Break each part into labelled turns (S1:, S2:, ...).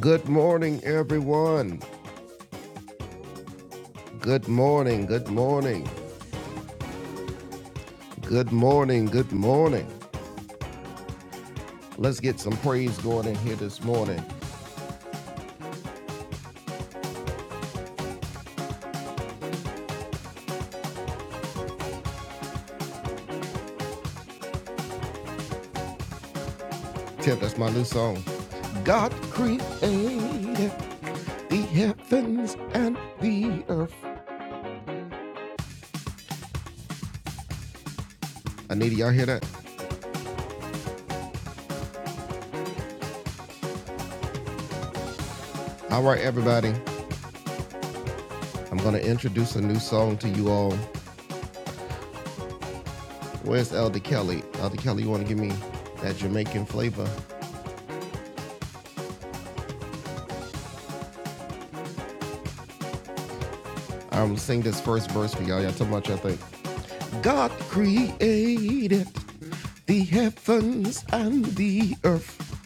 S1: Good morning, everyone. Good morning. Good morning. Good morning. Good morning. Let's get some praise going in here this morning. Tip, that's my new song. God created the heavens and the earth. I need y'all hear that. All right, everybody. I'm gonna introduce a new song to you all. Where's Elder Kelly? Elder Kelly, you wanna give me that Jamaican flavor? I'm gonna sing this first verse for y'all. Y'all tell me what y'all think. God created the heavens and the earth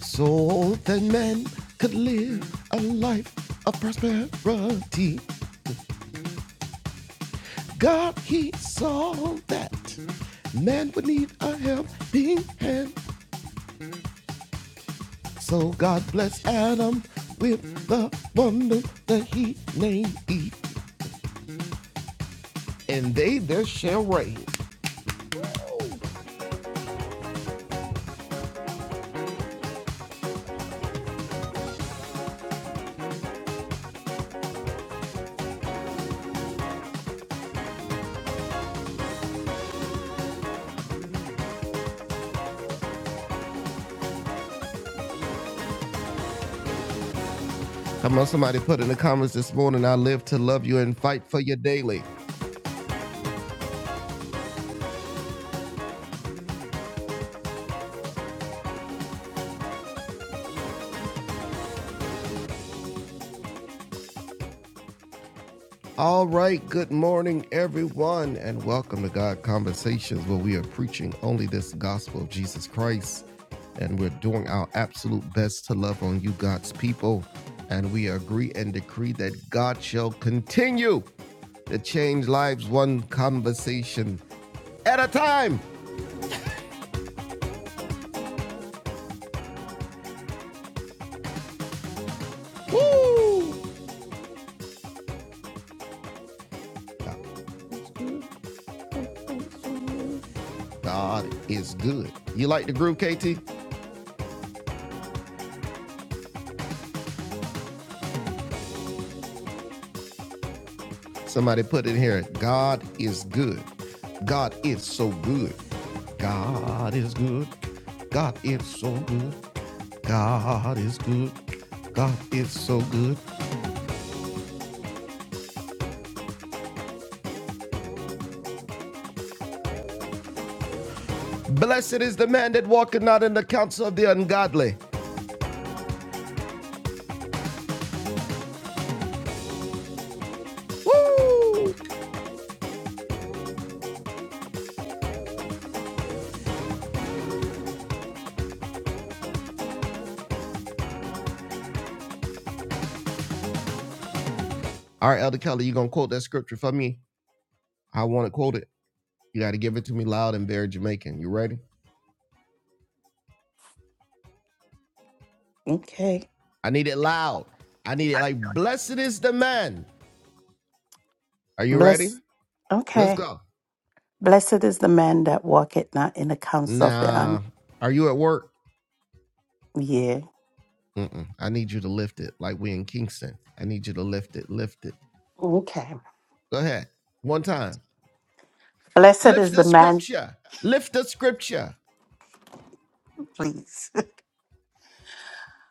S1: so that man could live a life of prosperity. God, he saw that man would need a helping hand. So God blessed Adam with the woman that he named Eve, and they there shall reign. Come on, somebody put in the comments this morning, I live to love you and fight for you daily. All right, good morning, everyone, and welcome to God Conversations, where we are preaching only this gospel of Jesus Christ, and we're doing our absolute best to love on you, God's people, and we agree and decree that God shall continue to change lives one conversation at a time. Woo! God is good. You like the groove, KT? Somebody put in here, God is good. God is so good. God is good. God is so good. God is good. God is so good. Blessed is the man that walketh not in the counsel of the ungodly. Woo! All right, Elder Kelly, you gonna quote that scripture for me? I want to quote it. You got to give it to me loud and very Jamaican. You ready?
S2: Okay.
S1: I need it loud. I need it like blessed is the man. Are you ready?
S2: Bless.
S1: Let's
S2: Okay.
S1: go.
S2: Blessed is the man that walketh not in the counsel of the un.
S1: Nah. Are you at work?
S2: Yeah.
S1: Mm-mm. I need you to lift it like we in Kingston. I need you to lift it. Lift it.
S2: Okay.
S1: Go ahead. One time.
S2: Blessed
S1: Lift
S2: is
S1: the
S2: the man.
S1: scripture. Lift the scripture.
S2: Please.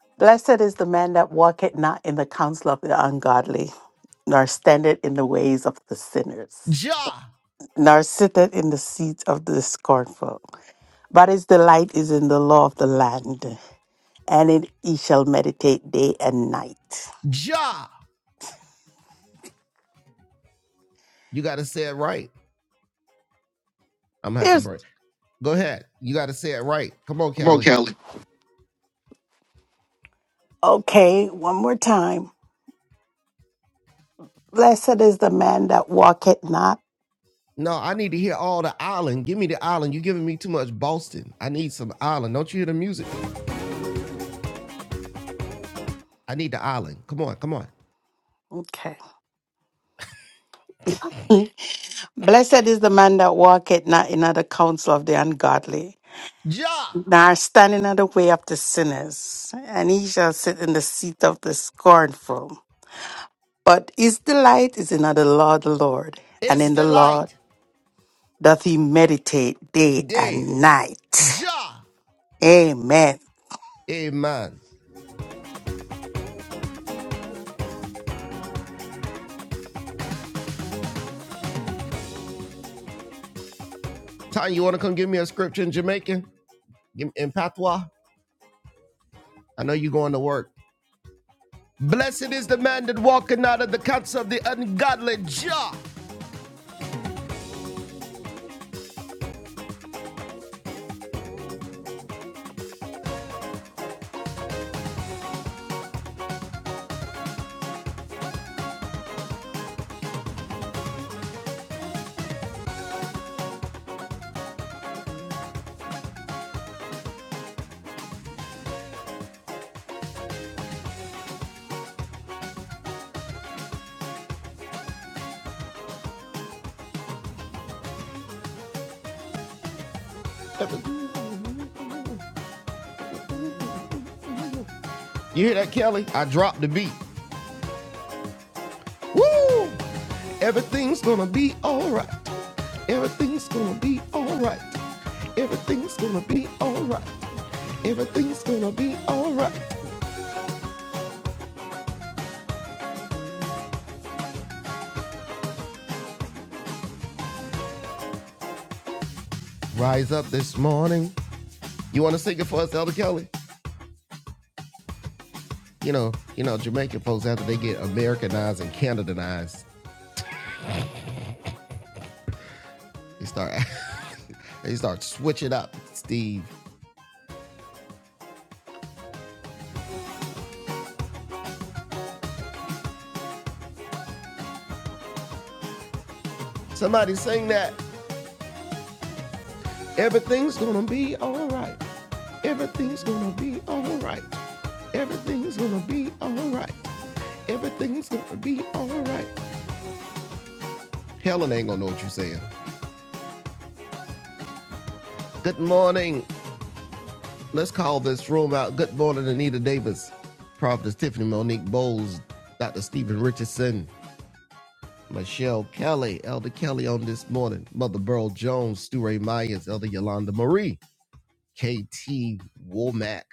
S2: Blessed is the man that walketh not in the counsel of the ungodly, nor standeth in the ways of the sinners,
S1: Ja.
S2: nor sitteth in the seat of the scornful. But his delight is in the law of the land, and in he shall meditate day and night.
S1: Ja. You got to say it right. I'm going to have to
S2: There's
S1: break. Go ahead. You got to say it right. Come on, Kelly.
S2: okay. One more time. Blessed is the man that walketh not.
S1: No, I need to hear all the island. Give me the island. you are giving me too much Boston. I need some island. Don't you hear the music? I need the island. Come on. Come on.
S2: Okay. Blessed is the man that walketh not in the counsel of the ungodly,
S1: Ja.
S2: nor standing in the way of the sinners, and he shall sit in the seat of the scornful. But his delight is in the law of the Lord, and
S1: It's
S2: in the
S1: the
S2: law
S1: light
S2: doth he meditate day
S1: day.
S2: and night.
S1: Ja.
S2: Amen.
S1: Amen. Tanya, you want to come give me a scripture in Jamaican? Give me in patois? I know you're going to work. Blessed is the man that walking out of the counsel of the ungodly jaw. You hear that, Kelly? I dropped the beat. Woo! Everything's gonna be alright. Everything's gonna be alright. Everything's gonna be alright. Everything's gonna be alright. Rise up this morning. You wanna sing it for us, Elder Kelly? you know, you know, Jamaican folks after they get Americanized and Canadianized, they start they start switching up. Steve, somebody sing that. Everything's gonna be all right. Everything's gonna be all right. Everything's gonna be all right. Everything's gonna be all right. Helen ain't gonna know what you're saying. Good morning. Let's call this room out. Good morning, Anita Davis, Prophetess Tiffany Monique Bowles, Dr. Stephen Richardson. Michelle Kelly, Elder Kelly on this morning, Mother Burl Jones, Stu Ray Myers, Elder Yolanda Marie, KT Womack.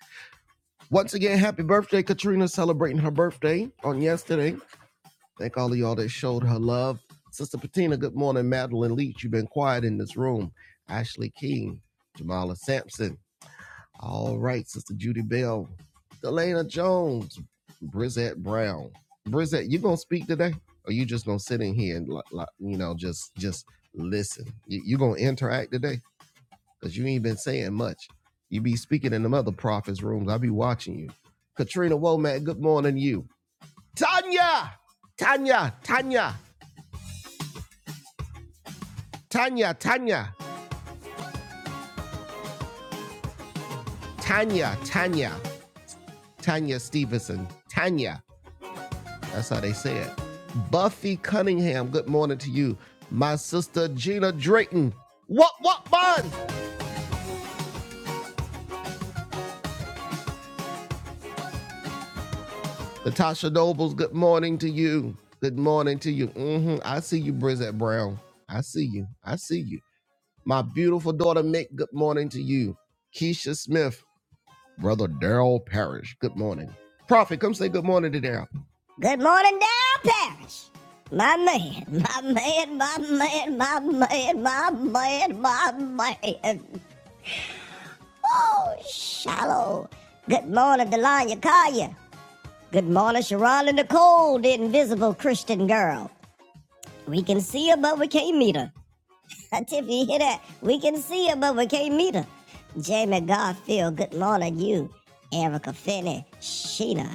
S1: Once again, happy birthday, Katrina, celebrating her birthday on yesterday. Thank all of y'all that showed her love. Sister Patina, good morning. Madeline Leach, you've been quiet in this room. Ashley King, Jamala Sampson. All right, Sister Judy Bell, Delana Jones, Brizette Brown. Brizette, you gonna speak today, or you just gonna sit in here and li- li- you know just just listen? You, you gonna interact today? Cause you ain't been saying much. You be speaking in them other prophets' rooms. I be watching you. Katrina Womack, good morning, to you. Tanya, Tanya, Tanya, Tanya, Tanya, Tanya, Tanya, Tanya Stevenson, Tanya. That's how they say it. Buffy Cunningham, good morning to you. My sister Gina Drayton. What, what, bun? Natasha Nobles, good morning to you. Good morning to you. hmm I see you, Brizette Brown. I see you. I see you. My beautiful daughter, Mick, good morning to you. Keisha Smith, Brother Daryl Parrish. Good morning. Prophet, come say good morning to Daryl. Good morning, Down Paris. My man, my man, my man, my man, my man, my man. Oh, shallow. Good morning, Delanya Kaya. Good morning, Sharon and Nicole, the invisible Christian girl. We can see her, but we can't meet her. Uh, Tiffany, you hear that? We can see her, but we can't meet her. Jamie Garfield, good morning, you. Erica Finney, Sheena,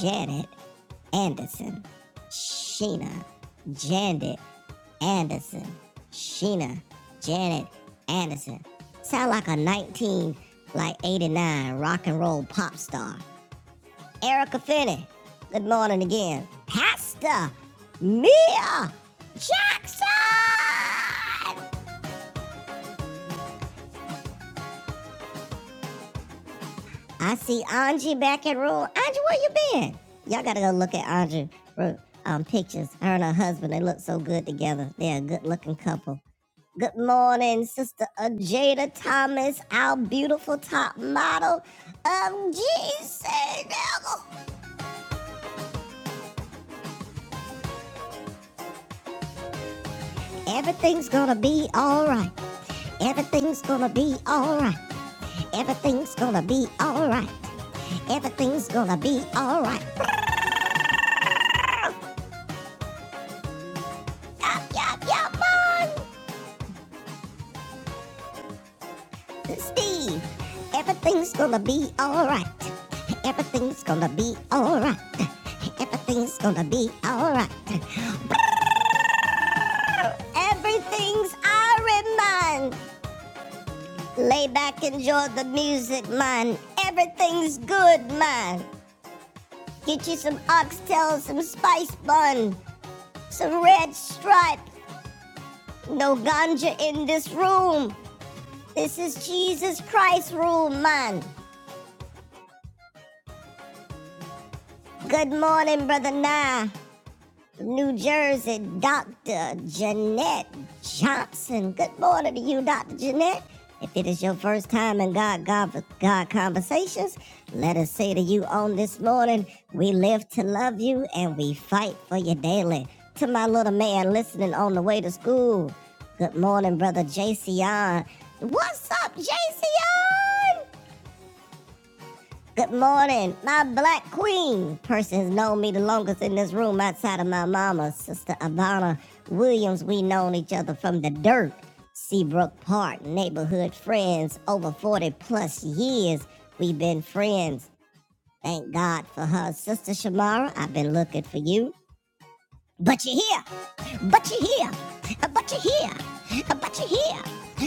S1: Janet Anderson, Sheena, Janet Anderson, Sheena, Janet Anderson. Sound like a 19, like 89 rock and roll pop star. Erica Finney, good morning again. Pastor Mia Jackson! I see Angie back at Rule. Angie, where you been? Y'all gotta go look at Angie um, pictures. Her and her husband, they look so good together. They're a good looking couple. Good morning, Sister Ajada Thomas, our beautiful top model of Jesus. Everything's gonna be alright. Everything's gonna be alright. Everything's gonna be alright. Everything's gonna be alright. Yup, yup, yup, Steve, everything's gonna be alright. Everything's gonna be alright. Everything's gonna be alright. Everything's Iron Man. Lay back, enjoy the music, man. Everything's good, man. Get you some oxtail, some spice bun, some red stripe. No ganja in this room. This is Jesus Christ room, man. Good morning, brother Nah. New Jersey Dr. Jeanette Johnson. Good morning to you, Dr. Jeanette. If it is your first time in God, God, God Conversations, let us say to you on this morning, we live to love you and we fight for you daily. To my little man listening on the way to school, good morning, brother JCon. What's up, JCon? Good morning. My black queen person has known me the longest in this room outside of my mama, Sister Ivana Williams. We known each other from the dirt, Seabrook Park, neighborhood friends, over 40 plus years. We've been friends. Thank God for her. Sister Shamara, I've been looking for you. But you're here. But you're here. But you're here. But you're here.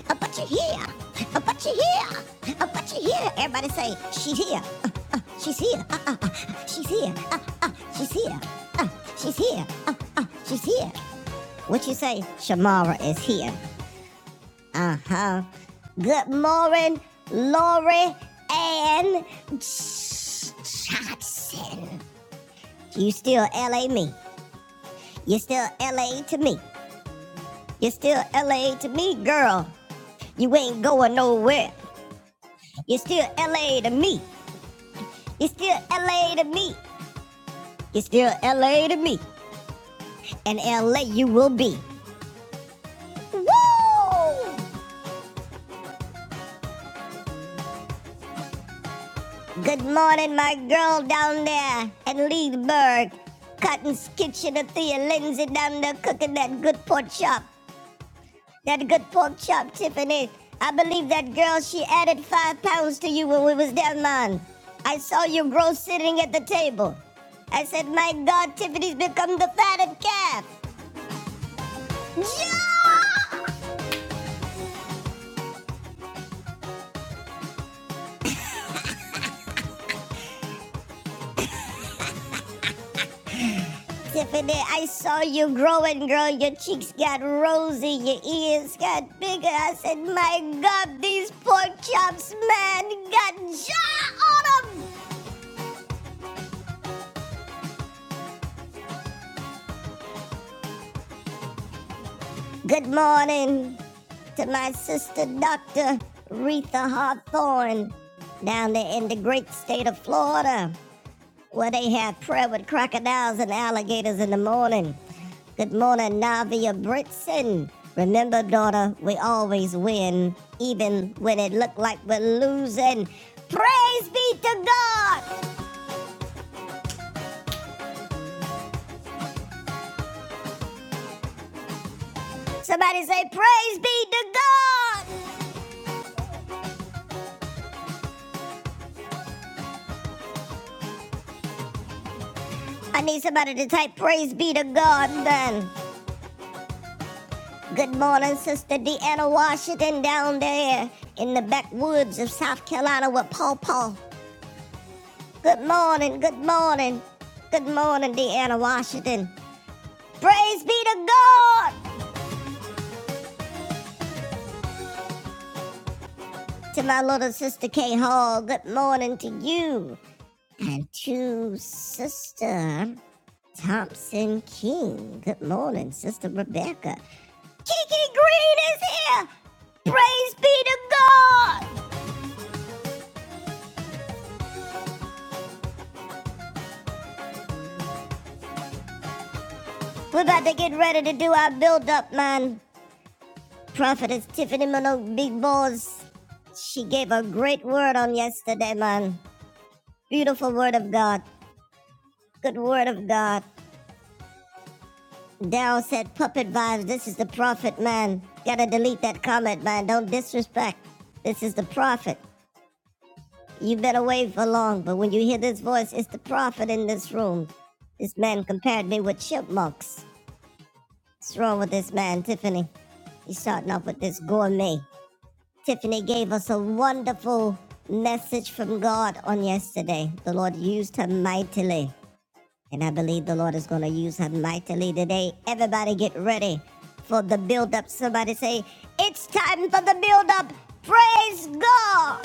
S1: But you're here. But you're here. But you're here. Everybody say, she's here. Uh, uh, she's here. Uh, uh, uh, she's here. Uh, uh, she's here. Uh, she's here. Uh, uh, she's here. What you say? Shamara is here. Uh-huh. Good morning, Lori and Johnson. You still LA me. You still LA to me. You're still LA to me, girl. You ain't going nowhere. You're still LA to me. You're still LA to me. You're still LA to me. And LA you will be. Woo! Good morning, my girl down there at Leedsburg. Cotton's kitchen, Thea Lindsay down there cooking that good pork chop. That good pork chop, Tiffany. I believe that girl, she added five pounds to you when we was down man. I saw you grow sitting at the table. I said, my God, Tiffany's become the fatted calf. Tiffany, I saw you growing, girl. Your cheeks got rosy, your ears got bigger. I said, my God, these pork chops, man, got jaw on them. Good morning to my sister, Dr. Retha Hawthorne, down there in the great state of Florida, where they have prayer with crocodiles and alligators in the morning. Good morning, Navia Britson. Remember, daughter, we always win, even when it looked like we're losing. Praise be to God. Somebody say, Praise be to God. I need somebody to type, Praise be to God, then. Good morning, Sister Deanna Washington down there in the backwoods of South Carolina with Paw Paw. Good morning, good morning, good morning, Deanna Washington. Praise be to God! To my little sister Kay Hall, good morning to you. And to Sister Thompson King, good morning, Sister Rebecca. Kiki Green is here! Praise be to God! We're about to get ready to do our build up, man. Prophetess Tiffany Minogue, big balls. She gave a great word on yesterday, man. Beautiful word of God. Good word of God. Daryl said, Puppet vibes, this is the prophet, man. Gotta delete that comment, man. Don't disrespect. This is the prophet. You've been away for long, but when you hear this voice, it's the prophet in this room. This man compared me with chipmunks. What's wrong with this man, Tiffany? He's starting off with this gourmet. Tiffany gave us a wonderful message from God on yesterday. The Lord used her mightily, and I believe the Lord is going to use her mightily today. Everybody get ready for the build up. Somebody say, It's time for the build up. Praise God.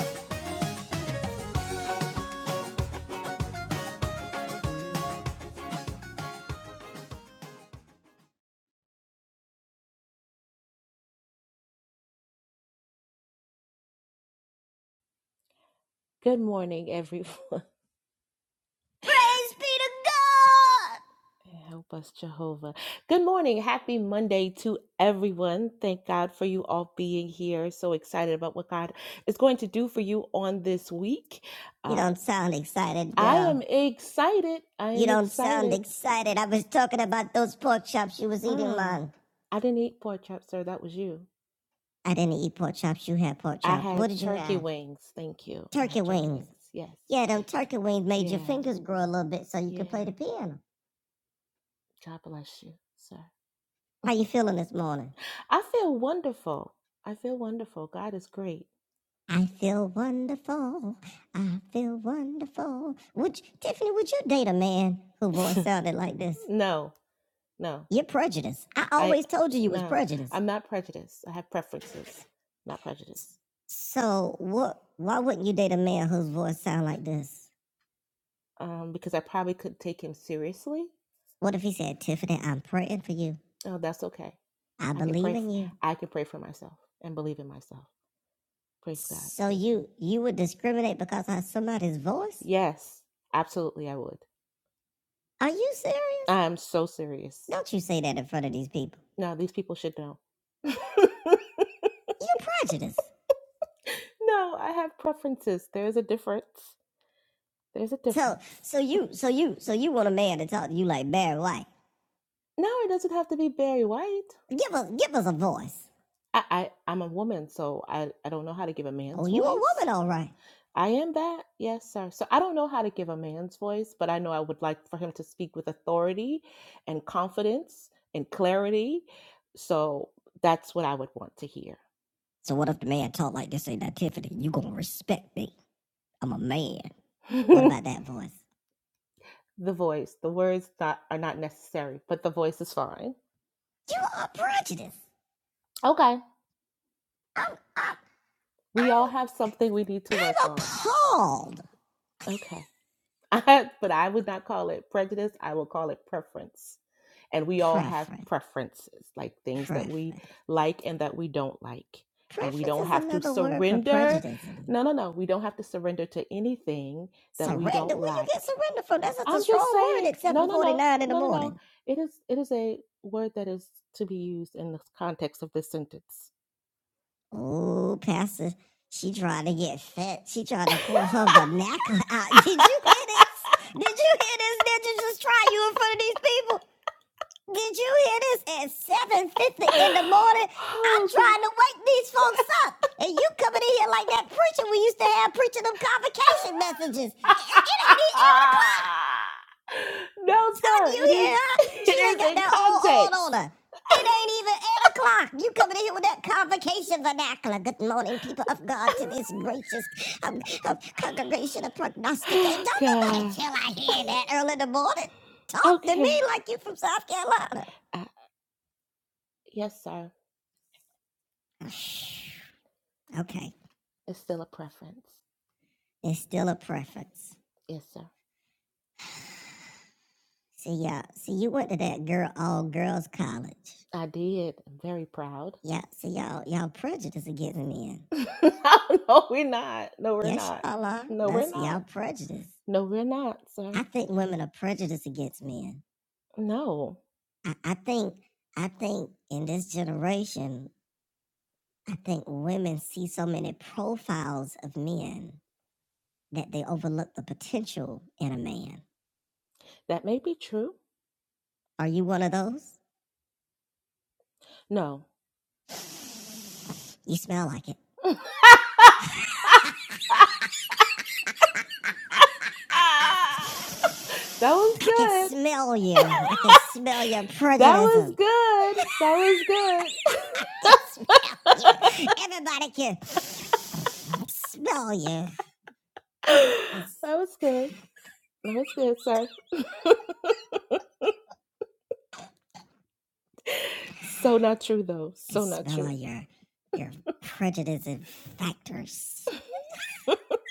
S3: Good morning, everyone.
S1: Praise be to God.
S3: Help us, Jehovah. Good morning. Happy Monday to everyone. Thank God for you all being here. So excited about what God is going to do for you on this week.
S1: You
S3: Uh,
S1: don't sound excited,
S3: I
S1: girl.
S3: am excited. I
S1: You
S3: am
S1: don't sound
S3: excited.
S1: excited. I was talking about those pork chops you was eating,
S3: Ah,
S1: Mom.
S3: I didn't eat pork chop, sir. That was you.
S1: I didn't eat pork chops. You had pork
S3: I
S1: chops.
S3: had
S1: What did you
S3: turkey
S1: have?
S3: wings. Thank you. I had
S1: Turkey
S3: turkey
S1: wings.
S3: wings. Yes.
S1: Yeah, them turkey wings made your
S3: Yeah.
S1: fingers grow a little bit so you could
S3: Yeah.
S1: play the piano.
S3: God bless you, sir.
S1: How you feeling this morning?
S3: I feel wonderful. I feel wonderful. God is great.
S1: I feel wonderful. I feel wonderful. Would you, Tiffany, would you date a man whose voice sounded like this?
S3: No, no.
S1: You're prejudiced. I
S3: I
S1: always told you you was
S3: no.
S1: prejudiced.
S3: I'm not prejudiced. I have preferences, not prejudice.
S1: So what? Why wouldn't you date a man whose voice sound like this?
S3: Um, because I probably could take him seriously.
S1: What if he said, Tiffany, I'm praying for you.
S3: Oh, that's okay.
S1: I
S3: I can
S1: believe
S3: pray.
S1: in
S3: f
S1: you.
S3: I can pray for myself and believe in myself. Praise God.
S1: So you you would discriminate because of somebody's voice?
S3: Yes, absolutely. I would.
S1: Are you serious?
S3: I'm so serious.
S1: Don't you say that in front of these people.
S3: No, these people should know. no,
S1: You're prejudiced.
S3: I have preferences. There's a difference. There's a
S1: So
S3: difference.
S1: so you so you so you want a man to talk to you like Barry White.
S3: No, it doesn't have to be Barry White.
S1: Give us give us a voice.
S3: I, I I'm a woman, so I I don't know how to give a
S1: Oh,
S3: man's
S1: you a
S3: voice.
S1: woman, all right.
S3: I am that, yes, sir. So I don't know how to give a man's voice, but I know I would like for him to speak with authority and confidence and clarity. So that's what I would want to hear.
S1: So what if the man talk like this ain't that Tiffany? You gonna respect me. I'm a man. What
S3: the
S1: about that voice?
S3: voice, the words not, are not necessary, but the voice is fine.
S1: You are prejudiced.
S3: Okay,
S1: I'm I'm I'm
S3: we all have something we need to work
S1: I'm
S3: on.
S1: appalled.
S3: Okay, I, but I would not call it prejudice. I will call it preference. and we all have
S1: Preference.
S3: preferences like things that
S1: Preference.
S3: we like and that we don't like and we
S1: Preference
S3: don't
S1: is
S3: have to
S1: another word for
S3: surrender
S1: prejudice.
S3: no no no we don't have to surrender to anything that we
S1: Surrender?
S3: don't
S1: Where you get
S3: like
S1: surrender from? That's such a
S3: i'm just
S1: strong word
S3: saying
S1: at
S3: no no no
S1: 749 in the
S3: no no no
S1: morning.
S3: it is it is a word that is to be used in the context of this sentence
S1: Oh, Pastor, she trying to get fit. She trying to pull her vernacular out. Did you hear this? Did you hear this? Did you just try you in front of these people? Did you hear this? At 7.50 in the morning, I'm
S3: oh god
S1: trying to wake these folks up. And you coming in here like that preacher we used to have preaching them convocation messages. It, it ain't even 8 o'clock.
S3: no
S1: Can
S3: sir it
S1: you
S3: is
S1: hear her? She
S3: it
S1: done
S3: is
S1: got
S3: in
S1: that old old
S3: context
S1: on her. It ain't even eight o'clock. You coming in here with that convocation vernacular. Good morning, people of God, to this gracious um, um, congregation of prognosticators.
S3: Oh,
S1: Don't nobody
S3: God.
S1: tell I hear that early in the morning. Talk to me
S3: Okay.
S1: like you from South Carolina.
S3: I, yes, sir.
S1: Okay,
S3: It's still a preference.
S1: it's still a preference.
S3: Yes, sir.
S1: See y'all. See you went to that girl all girls college.
S3: I did. I'm very proud.
S1: Yeah. See y'all. Y'all prejudice are getting in.
S3: no, we're not. No, we're
S1: Yes,
S3: not.
S1: y'all are.
S3: No, we're
S1: That's
S3: not.
S1: y'all prejudice.
S3: No, we're not, sir.
S1: I think women are prejudiced against men.
S3: No.
S1: I, I think I think in this generation, I think women see so many profiles of men that they overlook the potential in a man.
S3: That may be true.
S1: Are you one of those?
S3: No.
S1: You smell like it.
S3: that was
S1: I can
S3: good.
S1: smell you. I can smell your
S3: That
S1: prejudice. I
S3: was good. That was good.
S1: can smell you. Everybody can smell you. It's,
S3: that was good. That was good, sir. so not true, though.
S1: I can
S3: So not
S1: smell all
S3: true.
S1: your your prejudice and factors.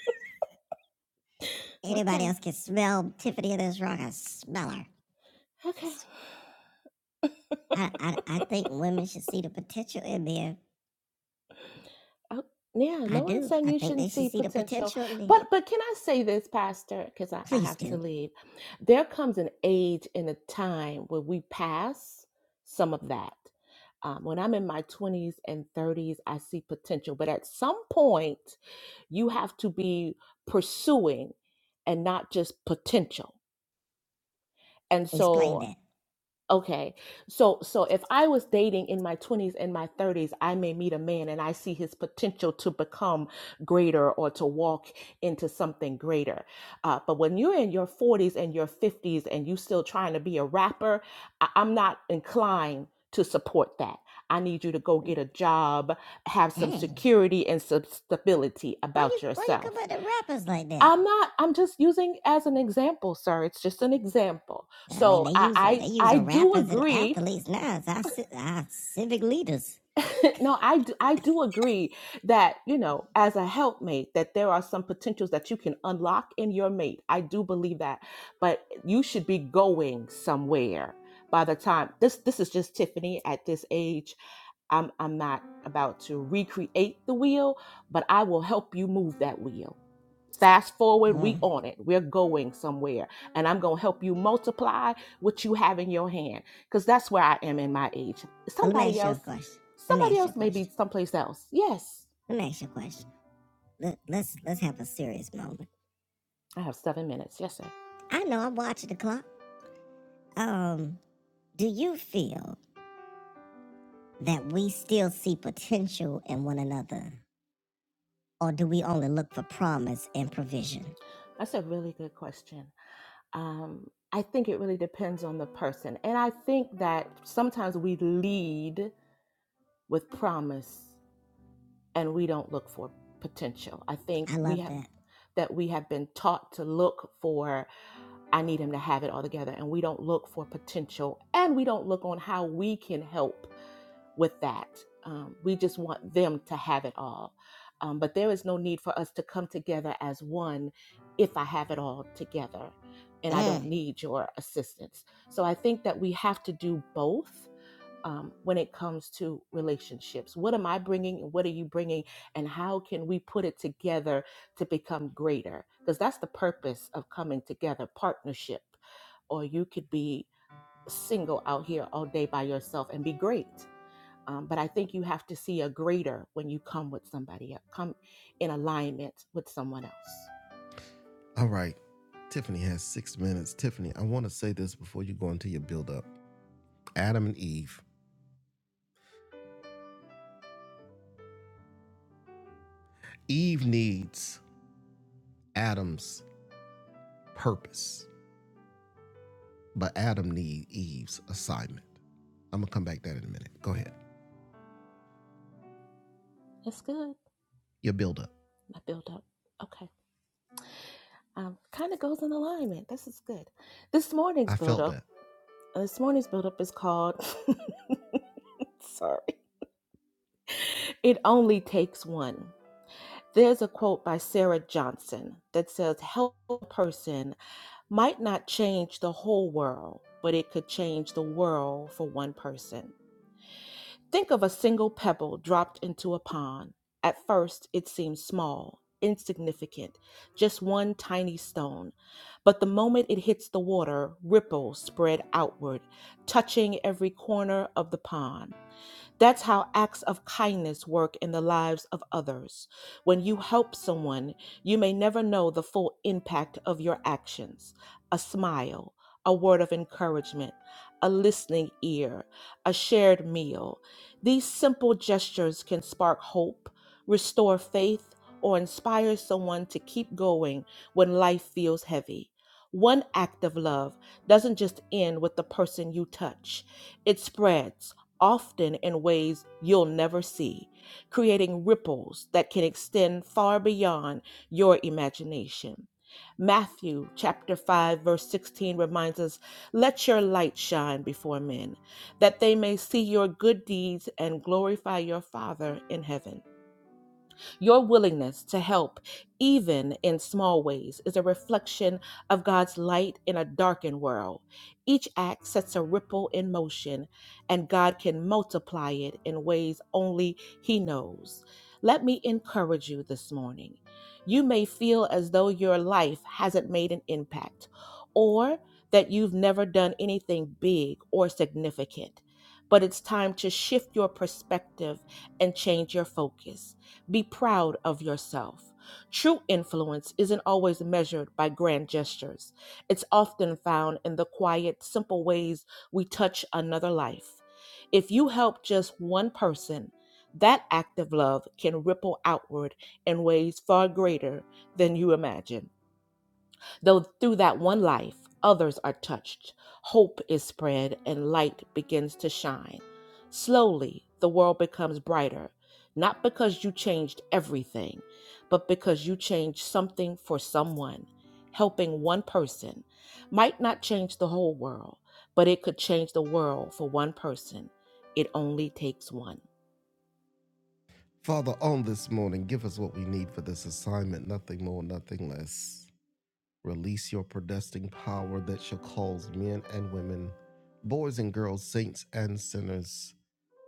S1: anybody
S3: Okay.
S1: else can smell Tiffany in this rock. I smell her.
S3: Okay.
S1: I, I, I think women should see the potential in men.
S3: Oh, yeah,
S1: I
S3: no one's
S1: do.
S3: saying
S1: I
S3: you
S1: think they
S3: shouldn't
S1: should
S3: see
S1: see the
S3: potential.
S1: potential in men.
S3: But but can I say this, Pastor? Because I, I
S1: Please
S3: have to
S1: do.
S3: leave. There comes an age and a time where we pass some of that. Um, when I'm in my 20s and 30s, I see potential. But at some point, you have to be pursuing and not just potential. And so
S1: Explain that.
S3: Okay. So so if I was dating in my 20s and my 30s, I may meet a man and I see his potential to become greater or to walk into something greater. Uh, but when you're in your 40s and your 50s and you still trying to be a rapper, I- I'm not inclined to support that. I need you to go get a job, have some
S1: Dang.
S3: security and some stability
S1: Why you
S3: about
S1: why you come
S3: yourself.
S1: up to rappers like that?
S3: I'm not. I'm just using as an example, sir. It's just an example.
S1: I mean,
S3: So
S1: they using they
S3: I I, I
S1: using
S3: do
S1: rappers and
S3: agree.
S1: athletes now as our, our civic leaders.
S3: no, I do, I do agree that you know as a helpmate that there are some potentials that you can unlock in your mate. I do believe that, but you should be going somewhere by the time this this is just Tiffany at this age. I'm I'm not about to recreate the wheel, but I will help you move that wheel Fast forward,
S1: Hmm.
S3: we on it. We're going somewhere. And I'm going to help you multiply what you have in your hand. Because that's where I am in my age.
S1: Let me
S3: Somebody
S1: ask you a
S3: else,
S1: question. Let me
S3: somebody
S1: ask you
S3: else
S1: a
S3: may
S1: question.
S3: be someplace else. Yes.
S1: Let me ask you a question. Let, let's let's have a serious moment.
S3: I have seven minutes. Yes, sir.
S1: I know I'm watching the clock. Um, do you feel that we still see potential in one another, or do we only look for promise and provision?
S3: That's a really good question. Um, I think it really depends on the person. And I think that sometimes we lead with promise and we don't look for potential. I think
S1: I
S3: we
S1: love
S3: have.
S1: that.
S3: that we have been taught to look for I need him to have it all together. And we don't look for potential and we don't look on how we can help with that. Um, we just want them to have it all. Um, but there is no need for us to come together as one if I have it all together and I don't
S1: Mm.
S3: need your assistance. So I think that we have to do both um, when it comes to relationships. What am I bringing and what are you bringing? And how can we put it together to become greater? Because that's the purpose of coming together partnership. Or you could be single out here all day by yourself and be great. Um, but I think you have to see a greater when you come with somebody, uh, come in alignment with someone else.
S1: All right. Tiffany has six minutes. Tiffany, I want to say this before you go into your build up. Adam and Eve. Eve needs Adam's purpose, but Adam needs Eve's assignment. I'm gonna come back to that in a minute. Go ahead.
S3: It's good.
S1: Your build up.
S3: My build up. Okay. Um, kind of goes in alignment. This is good. This morning's
S1: I
S3: build
S1: felt
S3: up.
S1: that.
S3: uh, This morning's build up is called. sorry. It only takes one. There's a quote by Sarah Johnson that says, "Help a person." might not change the whole world, but it could change the world for one person. Think of a single pebble dropped into a pond. At first, it seems small, insignificant, just one tiny stone. But the moment it hits the water, ripples spread outward, touching every corner of the pond. That's how acts of kindness work in the lives of others. When you help someone, you may never know the full impact of your actions. A smile, a word of encouragement, a listening ear, a shared meal. These simple gestures can spark hope, restore faith, or inspire someone to keep going when life feels heavy. One act of love doesn't just end with the person you touch. It spreads often in ways you'll never see, creating ripples that can extend far beyond your imagination. Matthew chapter 5 verse 16 reminds us, "Let your light shine before men, that they may see your good deeds and glorify your Father in heaven." Your willingness to help, even in small ways, is a reflection of God's light in a darkened world. Each act sets a ripple in motion, and God can multiply it in ways only He knows. Let me encourage you this morning. You may feel as though your life hasn't made an impact or that you've never done anything big or significant, but it's time to shift your perspective and change your focus. Be proud of yourself. True influence isn't always measured by grand gestures. It's often found in the quiet, simple ways we touch another life. If you help just one person, that act of love can ripple outward in ways far greater than you imagine. Though through that one life, others are touched, hope is spread, and light begins to shine. Slowly, the world becomes brighter, not because you changed everything, but because you changed something for someone. Helping one person might not change the whole world, but it could change the world for one person. It only takes one.
S1: Father, on this morning, give us what we need for this assignment, nothing more, nothing less. Release your predestined power that shall cause men and women, boys and girls, saints and sinners,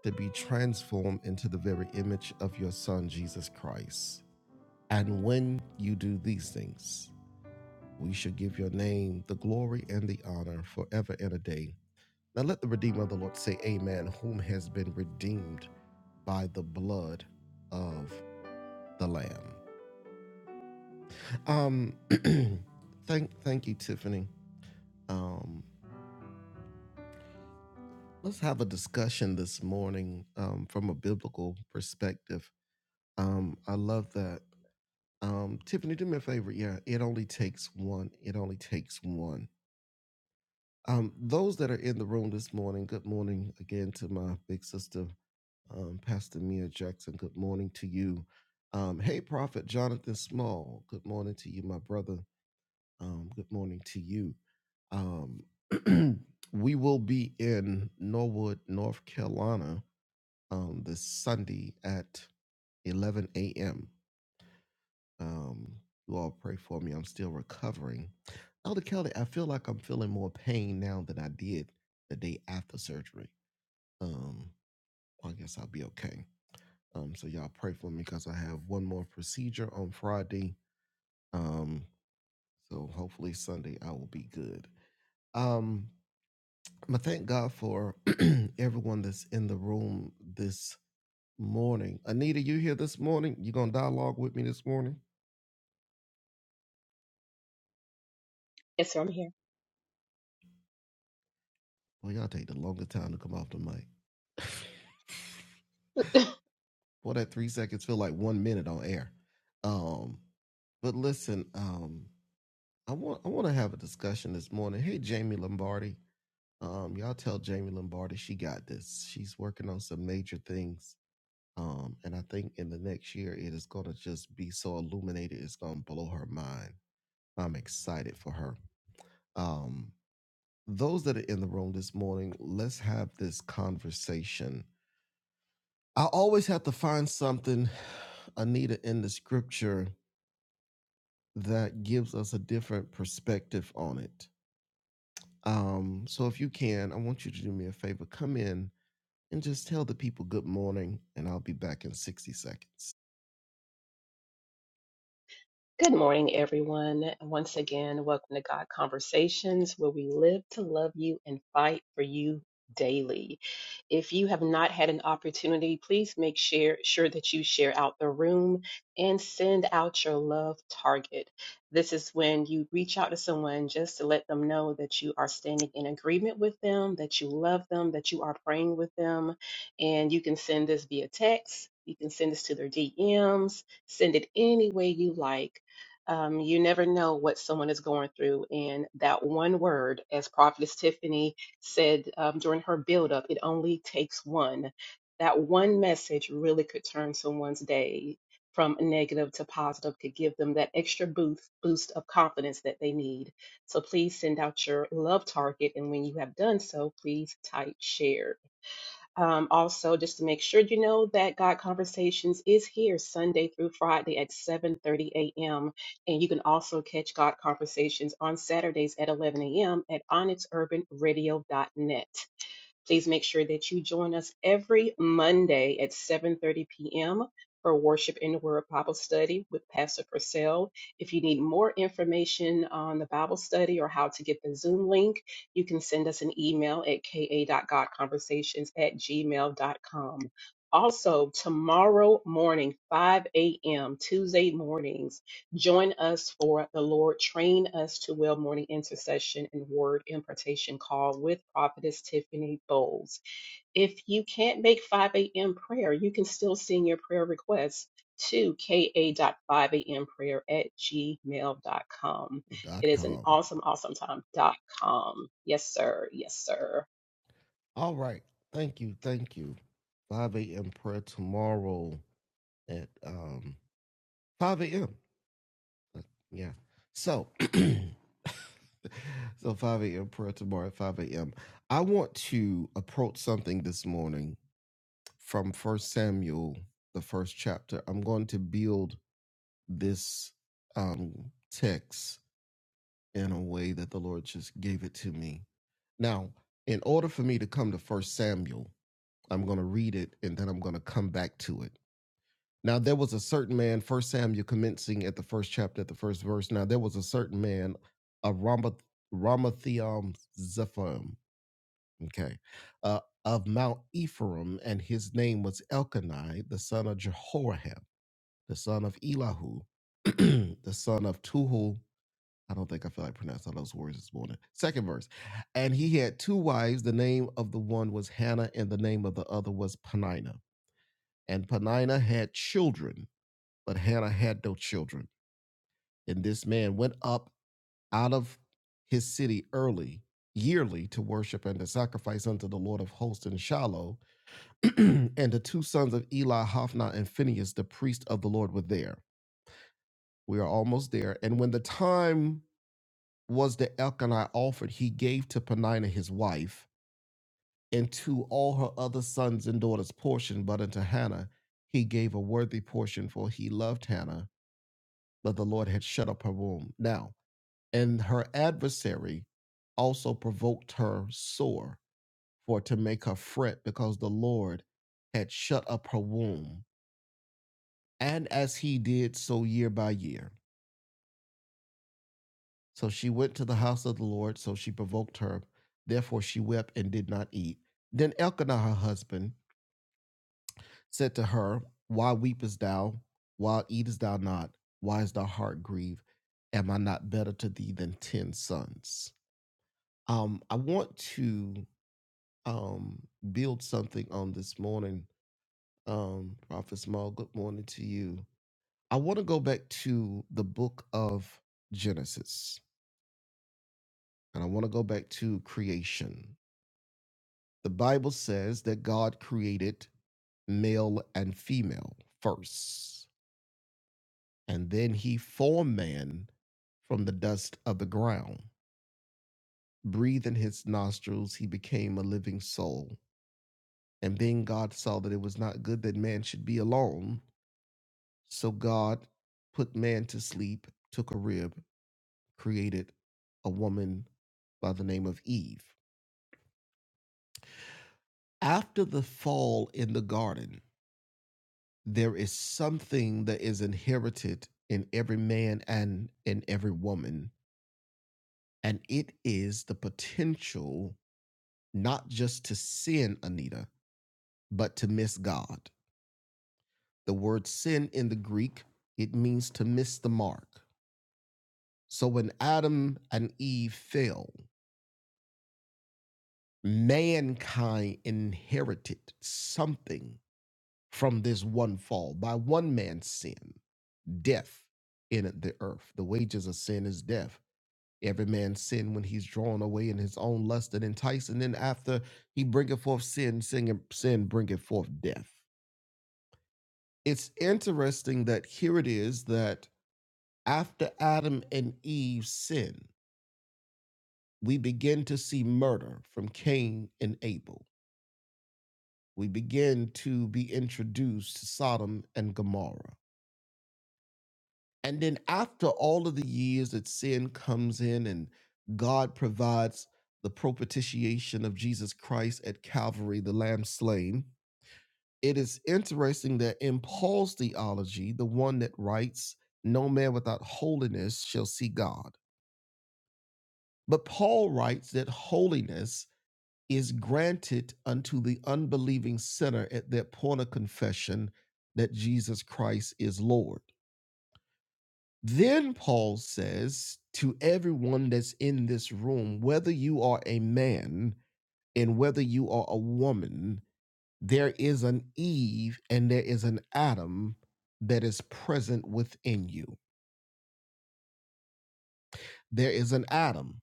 S1: to be transformed into the very image of your Son, Jesus Christ. And when you do these things, we shall give your name the glory and the honor forever and a day. Now let the Redeemer of the Lord say, Amen, whom has been redeemed by the blood of the Lamb. Um, thank, thank you, Tiffany. Um, let's have a discussion this morning um, from a biblical perspective. Um, I love that. Um, Tiffany, do me a favor. Yeah, it only takes one. It only takes one. Um, those that are in the room this morning, good morning again to my big sister Um, Pastor Mia Jackson, good morning to you. Um, hey, Prophet Jonathan Small, good morning to you, my brother. Um, good morning to you. Um, we will be in Norwood, North Carolina um, this Sunday at 11 a.m. Um, you all pray for me. I'm still recovering. Elder Kelly, I feel like I'm feeling more pain now than I did the day after surgery. Um, I guess I'll be okay. Um, so y'all pray for me because I have one more procedure on Friday. Um, so hopefully Sunday I will be good. Um, I thank God for everyone that's in the room this morning. Anita, you here this morning? You gonna dialogue with me this morning?
S4: Yes, sir, I'm here.
S1: Well, y'all take the longest time to come off the mic. Well, that three seconds feel like one minute on air. Um, but listen, um, I want I want to have a discussion this morning. Hey, Jamie Lombardi, Um, y'all tell Jamie Lombardi she got this. She's working on some major things. Um, and I think in the next year it is gonna just be so illuminated, it's gonna blow her mind. I'm excited for her. Um, those that are in the room this morning, let's have this conversation. I always have to find something, Anita, in the scripture that gives us a different perspective on it. Um, so if you can, I want you to do me a favor. Come in and just tell the people good morning, and I'll be back in 60 seconds.
S4: Good morning, everyone. Once again, welcome to God Conversations, where we live to love you and fight for you daily. If you have not had an opportunity, please make share, sure that you share out the room and send out your love target. This is when you reach out to someone just to let them know that you are standing in agreement with them, that you love them, that you are praying with them. And you can send this via text, you can send this to their DMs, send it any way you like um, you never know what someone is going through. And that one word, as Prophetess Tiffany said um, during her build-up, it only takes one. That one message really could turn someone's day from negative to positive, could give them that extra boost, boost of confidence that they need. So please send out your love target. And when you have done so, please type share. Um, also, just to make sure you know that God Conversations is here Sunday through Friday at 7:30 a.m. And you can also catch God Conversations on Saturdays at 11 a.m. at onyxurbanradio.net. Please make sure that you join us every Monday at 7:30 p.m. for Worship in the Word Bible Study with Pastor Purcell. If you need more information on the Bible study or how to get the Zoom link, you can send us an email at ka.godconversations at gmail.com. Also, tomorrow morning, 5 a.m., Tuesday mornings. Join us for the Lord. Train us to well morning intercession and word impartation call with Prophetess Tiffany Bowles. If you can't make 5 a.m. prayer, you can still send your prayer requests to ka dot five a.m. prayer at gmail dot com. It
S1: Dot
S4: is an
S1: com.
S4: awesome, awesome time. Dot com. Yes, sir. Yes, sir.
S1: All right. Thank you. Thank you. 5 a.m. prayer tomorrow at um 5 a.m. Uh, Yeah. So so 5 a.m. prayer tomorrow at 5 a.m. I want to approach something this morning from First Samuel, the first chapter. I'm going to build this um text in a way that the Lord just gave it to me Now, in order for me to come to First Samuel, I'm going to read it and then I'm going to come back to it. Now, there was a certain man, First Samuel commencing at the first chapter, at the first verse. Now, there was a certain man, a Ramath- Ramathiam Zephim, okay, uh, of Mount Ephraim, and his name was Elkanai, the son of Jehoram, the son of Elihu, the son of Tuhu, I don't think I feel like pronouncing all those words this morning. Second verse. And he had two wives. The name of the one was Hannah, and the name of the other was Penina. And Penina had children, but Hannah had no children. And this man went up out of his city early, yearly, to worship and to sacrifice unto the Lord of hosts in Shiloh. and the two sons of Eli, Hophni, and Phinehas, the priest of the Lord, were there. We are almost there. And when the time was that Elkanah offered he gave to Peninnah his wife, and to all her other sons and daughters portion, but unto Hannah he gave a worthy portion, for he loved Hannah, but the Lord had shut up her womb. Now, and her adversary also provoked her sore, for to make her fret, because the Lord had shut up her womb. And as he did so year by year, So she went to the house of the Lord, so she provoked her. Therefore she wept and did not eat. Then Elkanah her husband said to her, Why weepest thou? Why eatest thou not? Why is thy heart grieved? Am I not better to thee than ten sons? Um, I want to um build something on this morning. Um, Prophet Small, good morning to you. I want to go back to the book of Genesis, and I want to go back to creation The Bible says that God created male and female first, and then he formed man from the dust of the ground. Breathed in his nostrils, he became a living soul. And then God saw that it was not good that man should be alone. So God put man to sleep, took a rib, created a woman by the name of Eve. After the fall in the garden, there is something that is inherited in every man and in every woman. And it is the potential not just to sin, Anita, but to miss God. The word sin in the Greek, it means to miss the mark. So when Adam and Eve fell, mankind inherited something from this one fall by one man's sin, death in the earth. The wages of sin is death Every man sin when he's drawn away in his own lust and enticed, and then after he bringeth forth sin, sin, sin bringeth forth death. It's interesting that here it is that after Adam and Eve sin, we begin to see murder from Cain and Abel. We begin to be introduced to Sodom and Gomorrah. And then after all of the years that sin comes in and God provides the propitiation of Jesus Christ at Calvary, the lamb slain, it is interesting that in Paul's theology, the one that writes, No man without holiness shall see God. But Paul writes that holiness is granted unto the unbelieving sinner at their point of confession that Jesus Christ is Lord. Then Paul says to everyone that's in this room, whether you are a man and whether you are a woman, there is an Eve and there is an Adam that is present within you. There is an Adam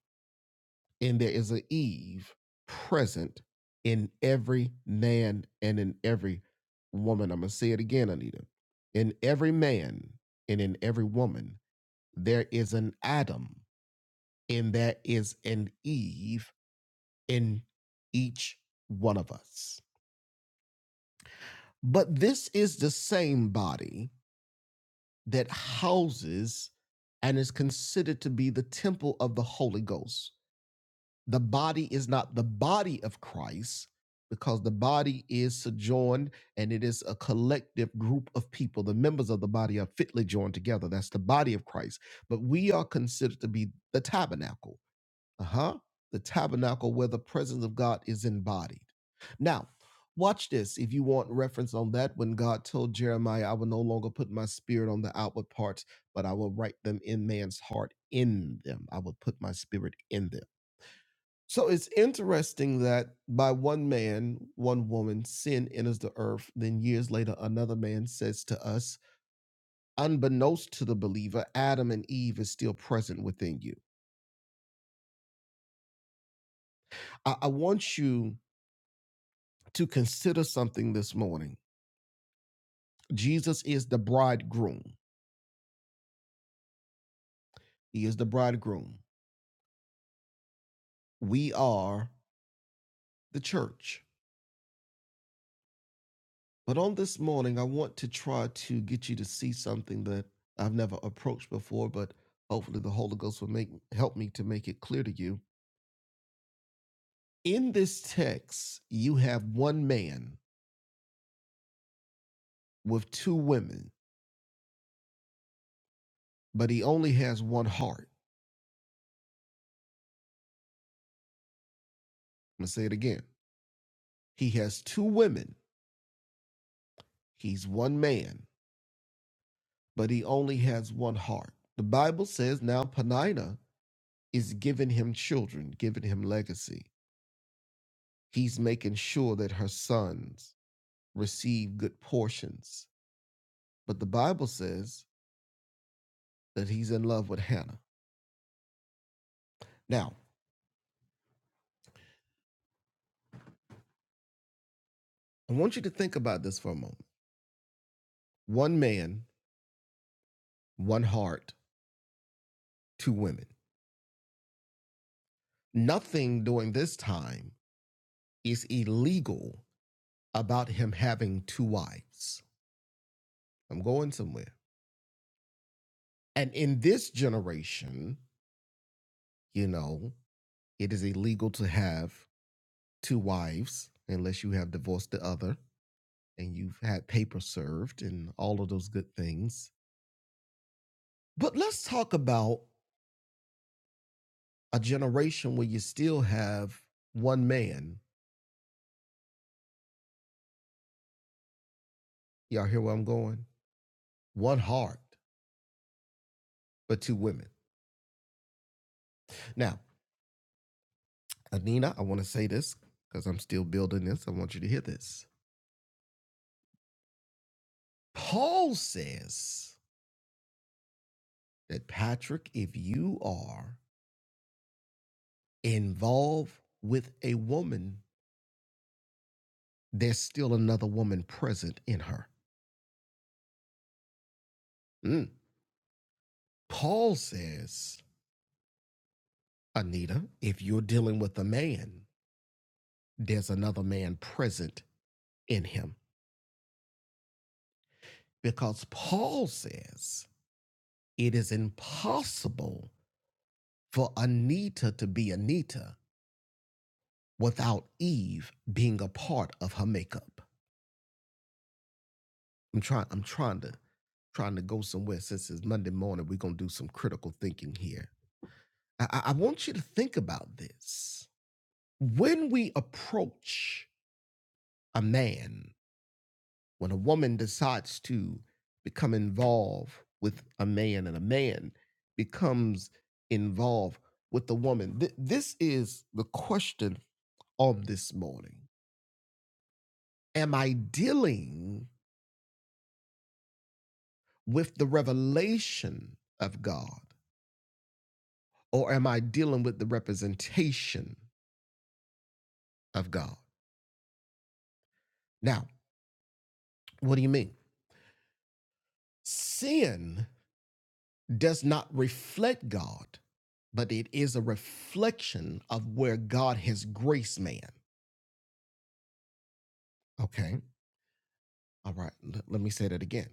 S1: and there is an Eve present in every man and in every woman. I'm going to say it again, Anita. In every man and in every woman, there is an Adam and there is an Eve in each one of us. But this is the same body that houses and is considered to be the temple of the Holy Ghost. The body is not the body of Christ because the body is sojourned and it is a collective group of people. The members of the body are fitly joined together. That's the body of Christ. But we are considered to be the tabernacle uh-huh the tabernacle where the presence of god is embodied now watch this if you want reference on that when god told jeremiah i will no longer put my spirit on the outward parts but i will write them in man's heart in them i will put my spirit in them so it's interesting that by one man one woman sin enters the earth then years later another man says to us unbeknownst to the believer adam and eve is still present within you i, I want you to consider something this morning. Jesus is the bridegroom. He is the bridegroom. We are the church. But on this morning, I want to try to get you to see something that I've never approached before, but hopefully the Holy Ghost will make help me to make it clear to you. In this text, you have one man with two women, but he only has one heart. I'm gonna say it again. He has two women. He's one man, but he only has one heart. The Bible says now Penina is giving him children, giving him legacy. He's making sure that her sons receive good portions. But the Bible says that he's in love with Hannah. Now, I want you to think about this for a moment. One man, one heart, two women. Nothing during this time is illegal about him having two wives. I'm going somewhere. And in this generation, you know, It is illegal to have two wives unless you have divorced the other and you've had paper served and all of those good things. But let's talk about a generation where you still have one man. Y'all hear where I'm going? One heart, but two women. Now, Anina, I want to say this because I'm still building this. I want you to hear this. Paul says that, Patrick, if you are involved with a woman, there's still another woman present in her. Mm. Paul says, Anita, if you're dealing with a man, there's another man present in him. Because Paul says it is impossible for Anita to be Anita without Eve being a part of her makeup. I'm trying I'm trying to trying to go somewhere since it's Monday morning. We're gonna do some critical thinking here. I, I I want you to think about this. When we approach a man, when a woman decides to become involved with a man and a man becomes involved with the woman, Th- this is the question on this morning. Am I dealing with the revelation of God or am I dealing with the representation of God? Now, what do you mean? Sin does not reflect God, but it is a reflection of where God has graced man. Okay. All right. L- let me say that again.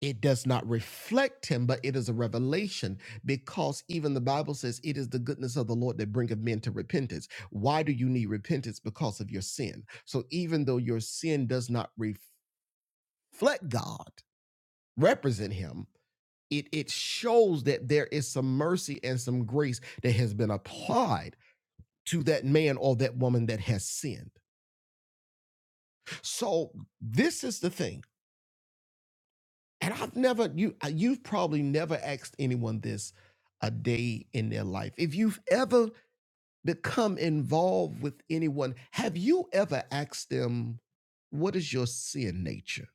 S1: It does not reflect him, but it is a revelation because even the Bible says it is the goodness of the Lord that bringeth men to repentance. Why do you need repentance? Because of your sin. So even though your sin does not reflect God, represent him, it, it shows that there is some mercy and some grace that has been applied to that man or that woman that has sinned. So this is the thing. And I've never you uh, you've probably never asked anyone this a day in their life. If you've ever become involved with anyone, have you ever asked them what is your sin nature?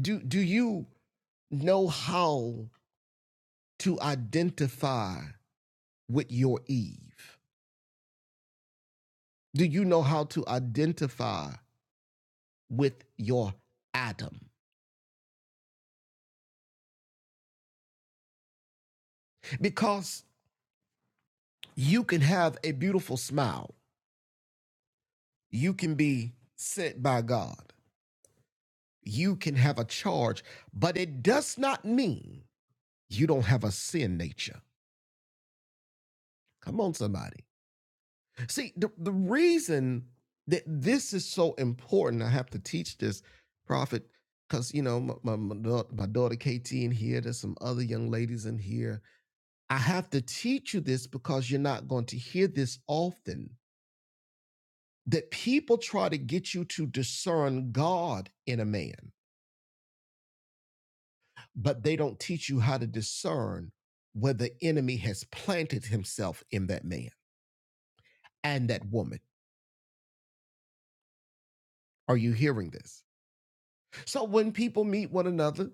S1: Do do you know how to identify with your Eve? Do you know how to identify with your Adam? Because You can have a beautiful smile. You can be sent by God. You can have a charge, but it does not mean you don't have a sin nature. Come on, somebody. See, the, the reason that this is so important, I have to teach this, prophet, because, you know, my, my, my daughter KT in here, there's some other young ladies in here. I have to teach you this because you're not going to hear this often that people try to get you to discern God in a man, but they don't teach you how to discern where the enemy has planted himself in that man and that woman. Are you hearing this? So when people meet one another,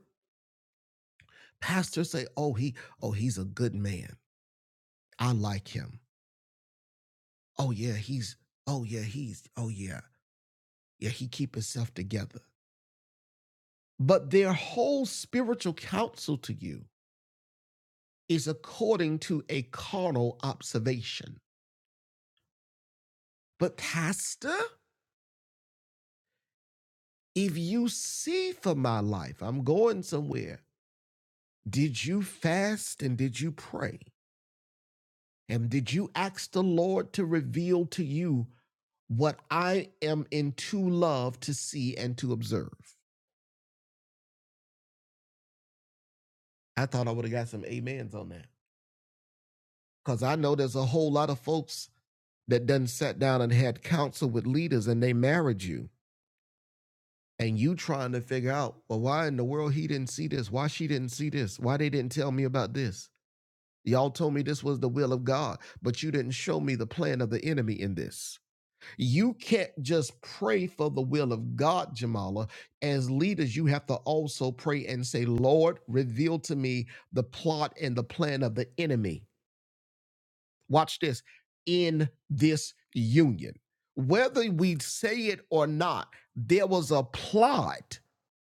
S1: pastors say, "Oh, he oh, he's a good man. I like him. Oh yeah, he's oh yeah, he's oh yeah. Yeah, he keep himself together." But their whole spiritual counsel to you is according to a carnal observation But, Pastor, if you see for my life, I'm going somewhere. Did you fast and did you pray? And did you ask the Lord to reveal to you what I am in true love to see and to observe? I thought I would have got some amens on that. Because I know there's a whole lot of folks that done sat down and had counsel with leaders and they married you. And you trying to figure out, well, why in the world he didn't see this? Why she didn't see this? Why they didn't tell me about this? Y'all told me this was the will of God, but you didn't show me the plan of the enemy in this. You can't just pray for the will of God, Jamala. As leaders, you have to also pray and say, Lord, reveal to me the plot and the plan of the enemy. Watch this in this union. Whether we say it or not, there was a plot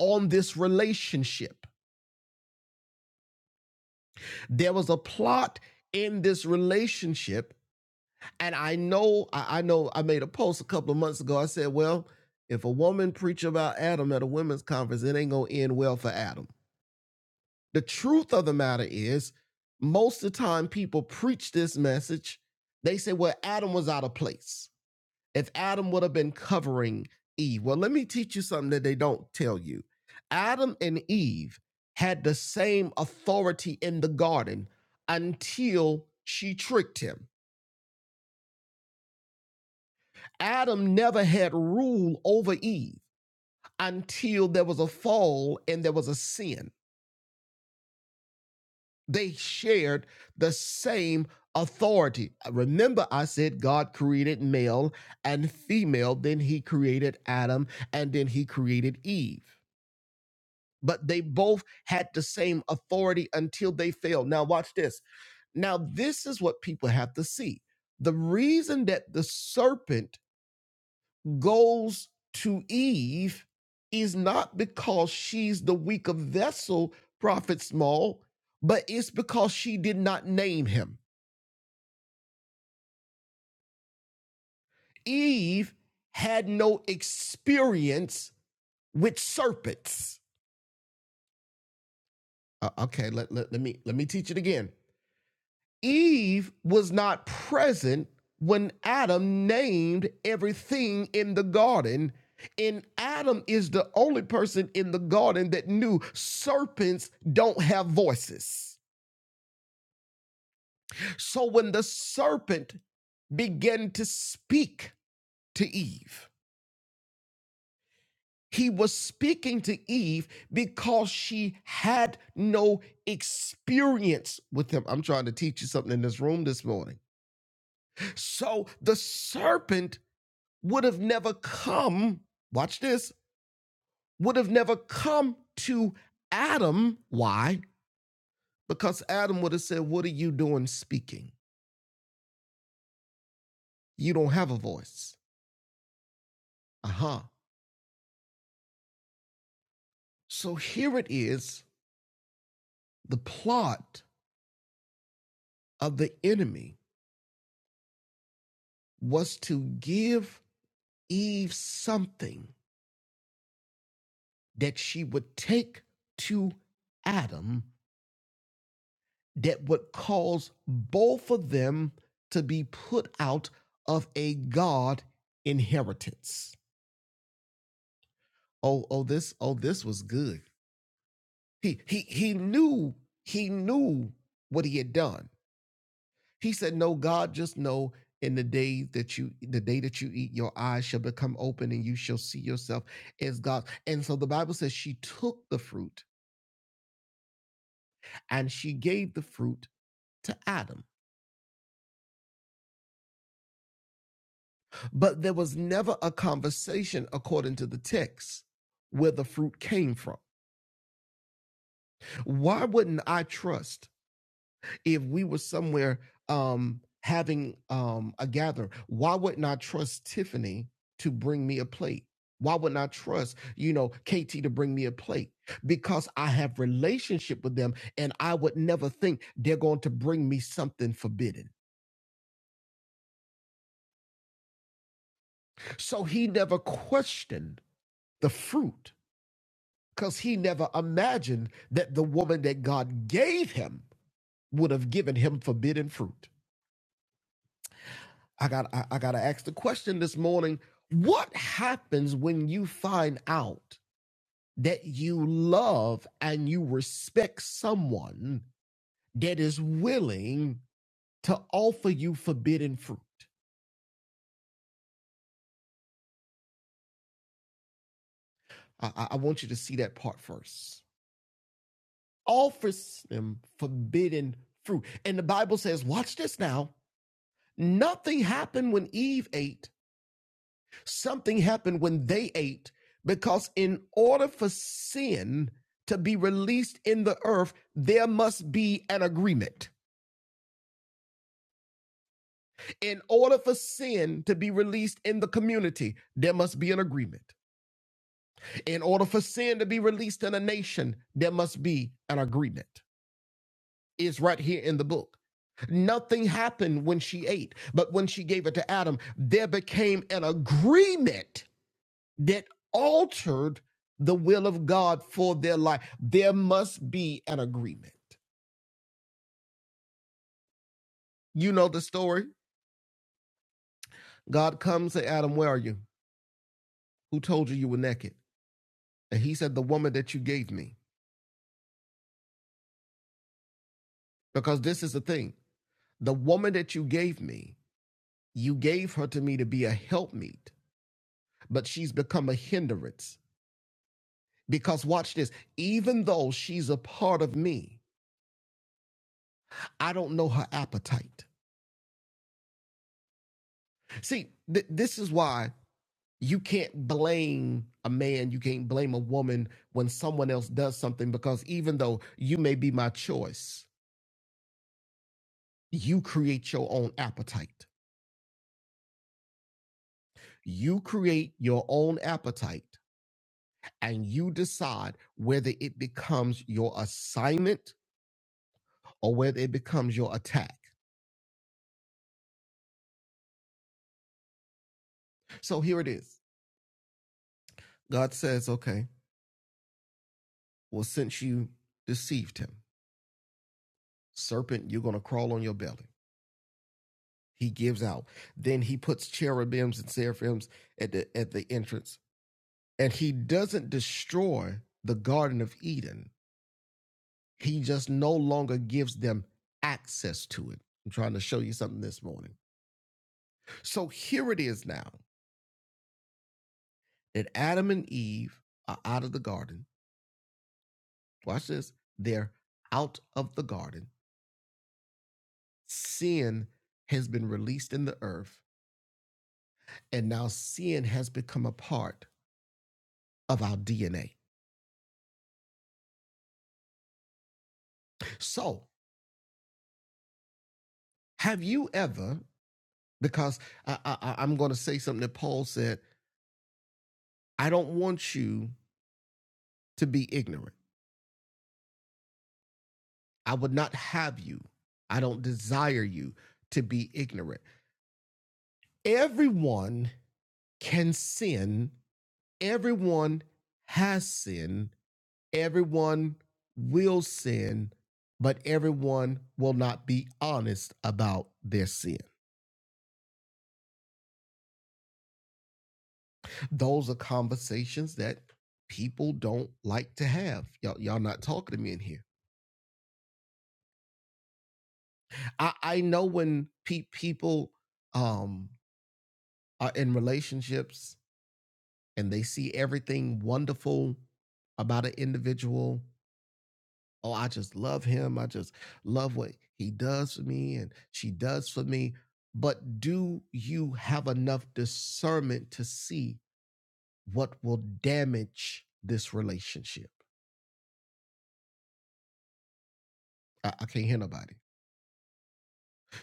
S1: on this relationship. There was a plot in this relationship And I know, I, I know I made a post a couple of months ago. I said, well, if a woman preach about Adam at a women's conference, it ain't gonna end well for Adam. The truth of the matter is, most of the time people preach this message, they say, well, Adam was out of place. If Adam would have been covering Eve, well, let me teach you something that they don't tell you. Adam and Eve had the same authority in the garden until she tricked him. Adam never had rule over Eve until there was a fall and there was a sin. They shared the same authority. Uh, Remember, I said God created male and female, then he created Adam, and then he created Eve. But they both had the same authority until they failed. Now, watch this. Now, this is what people have to see. The reason that the serpent goes to Eve is not because she's the weaker vessel, Prophet Small, but it's because she did not name him. Eve had no experience with serpents. Uh, okay, let, let, let me let me teach it again. Eve was not present when Adam named everything in the garden. And Adam is the only person in the garden that knew serpents don't have voices. So when the serpent began to speak to Eve, he was speaking to Eve because she had no experience with him. I'm trying to teach you something in this room this morning. So the serpent would have never come, watch this, would have never come to Adam. Why? Because Adam would have said, What are you doing speaking? You don't have a voice. Uh huh. So here it is the plot of the enemy was to give Eve something that she would take to Adam that would cause both of them to be put out of a God inheritance. oh oh this oh this was good he he he knew he knew what he had done he said no god just know in the day that you the day that you eat your eyes shall become open and you shall see yourself as god and so the bible says she took the fruit and she gave the fruit to adam but there was never a conversation according to the text where the fruit came from why wouldn't i trust if we were somewhere um, having um, a gather? Why wouldn't I trust Tiffany to bring me a plate? Why wouldn't I trust, you know, KT to bring me a plate? Because I have relationship with them and I would never think they're going to bring me something forbidden. So he never questioned the fruit because he never imagined that the woman that God gave him would have given him forbidden fruit. I got I, I got to ask the question this morning. What happens when you find out that you love and you respect someone that is willing to offer you forbidden fruit? I, I I want you to see that part first. Offers them forbidden fruit. And the Bible says, watch this now. Nothing happened when Eve ate Something happened when they ate because, in order for sin to be released in the earth, there must be an agreement. In order for sin to be released in the community, there must be an agreement. In order for sin to be released in a nation, there must be an agreement. It's right here in the book. Nothing happened when she ate, but when she gave it to Adam, there became an agreement that altered the will of God for their life. There must be an agreement. You know the story. God comes to Adam, Where are you? Who told you you were naked? And he said, The woman that you gave me. Because this is the thing the woman that you gave me, you gave her to me to be a helpmeet, but she's become a hindrance. Because watch this, even though she's a part of me, I don't know her appetite. See, th- this is why you can't blame a man, you can't blame a woman when someone else does something because even though you may be my choice, you create your own appetite. You create your own appetite and you decide whether it becomes your assignment or whether it becomes your attack. So here it is God says, okay, well, since you deceived him, serpent, you're going to crawl on your belly. He gives out. Then he puts cherubims and seraphims at the, at the entrance And he doesn't destroy the Garden of Eden, he just no longer gives them access to it. I'm trying to show you something this morning. So here it is now that Adam and Eve are out of the garden. Watch this. They're out of the garden. Sin has been released in the earth, and now sin has become a part of our DNA. So, have you ever, because I, I, I'm going to say something that Paul said, I don't want you to be ignorant. I would not have you. I don't desire you to be ignorant. Everyone can sin. Everyone has sinned. Everyone will sin, but everyone will not be honest about their sin. Those are conversations that people don't like to have. Y'all, y'all not talking to me in here. I, I know when pe- people um, are in relationships and they see everything wonderful about an individual. Oh, I just love him. I just love what he does for me and she does for me. But do you have enough discernment to see what will damage this relationship? I, I can't hear nobody.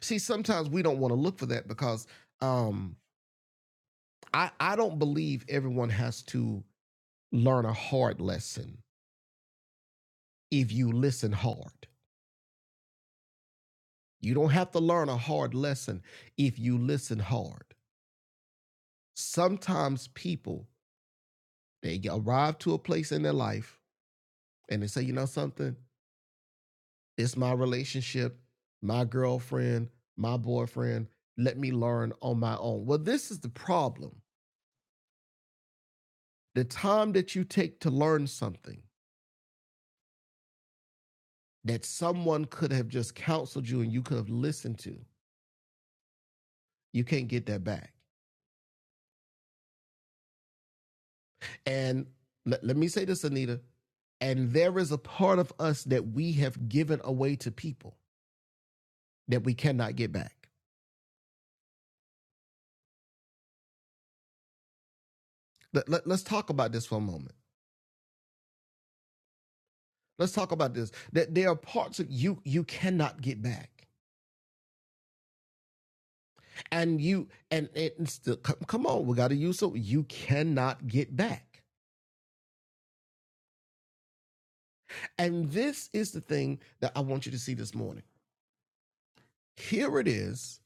S1: See, sometimes we don't want to look for that because um, I, I don't believe everyone has to learn a hard lesson if you listen hard. You don't have to learn a hard lesson if you listen hard. Sometimes people they arrive to a place in their life and they say, you know something, it's my relationship, my girlfriend, my boyfriend. Let me learn on my own. Well, this is the problem. The time that you take to learn something that someone could have just counseled you and you could have listened to, you can't get that back. And let, let me say this, Anita. And there is a part of us that we have given away to people that we cannot get back. Let, let, us talk about this for a moment. Let's talk about this. That there are parts of you you cannot get back. And you, and it, still, come, come on, we got to use so you cannot get back. And this is the thing that I want you to see this morning. Here it is.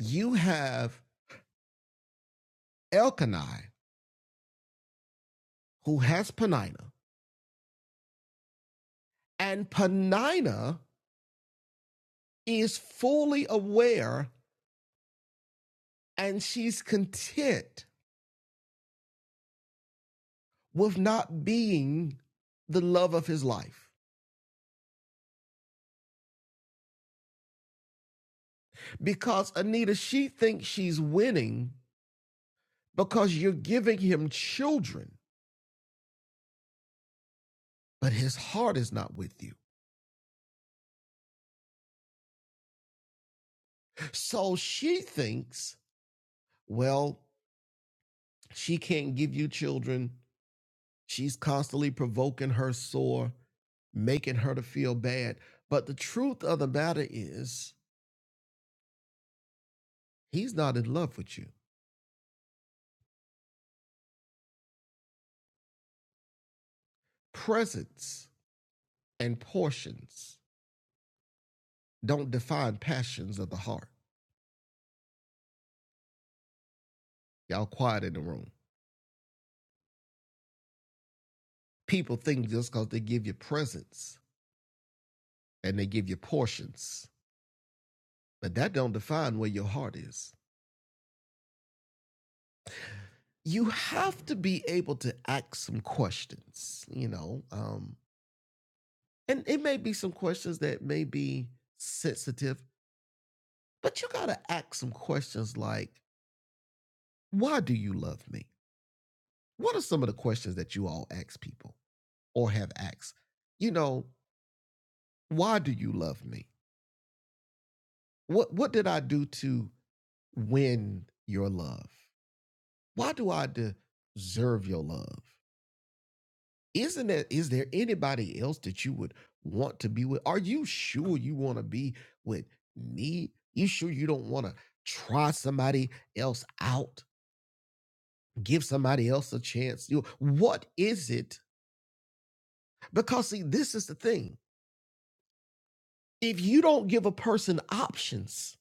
S1: You have Elkanah, who has Penina, and Penina is fully aware and she's content with not being the love of his life. Because Anita, she thinks she's winning because you're giving him children, but his heart is not with you. So she thinks, well, she can't give you children. She's constantly provoking her sore, making her to feel bad. But the truth of the matter is, he's not in love with you. Presence and portions don't define passions of the heart. Y'all quiet in the room. People think just because they give you presents and they give you portions, but that don't define where your heart is. You have to be able to ask some questions, you know, um, and it may be some questions that may be sensitive, but you got to ask some questions like, why do you love me? What are some of the questions that you all ask people or have asked? You know, why do you love me? What what did I do to win your love? Why do I deserve your love? Isn't that is there anybody else that you would want to be with? Are you sure you want to be with me? You sure you don't want to try somebody else out? Give somebody else a chance. You what is it? Because see, this is the thing. If you don't give a person options,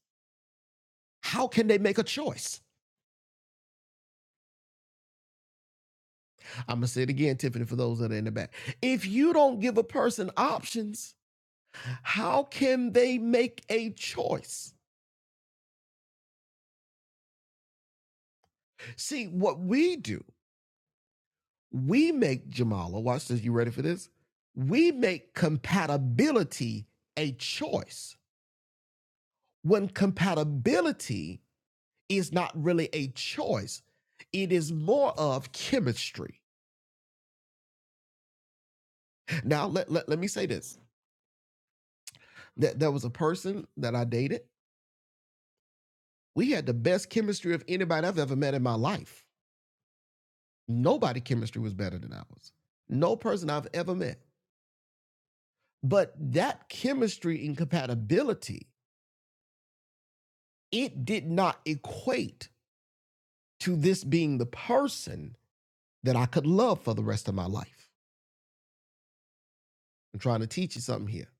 S1: how can they make a choice? I'm gonna say it again, Tiffany, for those that are in the back. If you don't give a person options, how can they make a choice? See, what we do, we make Jamala, watch this, you ready for this? We make compatibility a choice. When compatibility is not really a choice, it is more of chemistry. Now, let, let, let me say this. That there was a person that I dated. We had the best chemistry of anybody I've ever met in my life. Nobody chemistry was better than ours. No person I've ever met. But that chemistry incompatibility, it did not equate to this being the person that I could love for the rest of my life. I'm trying to teach you something here.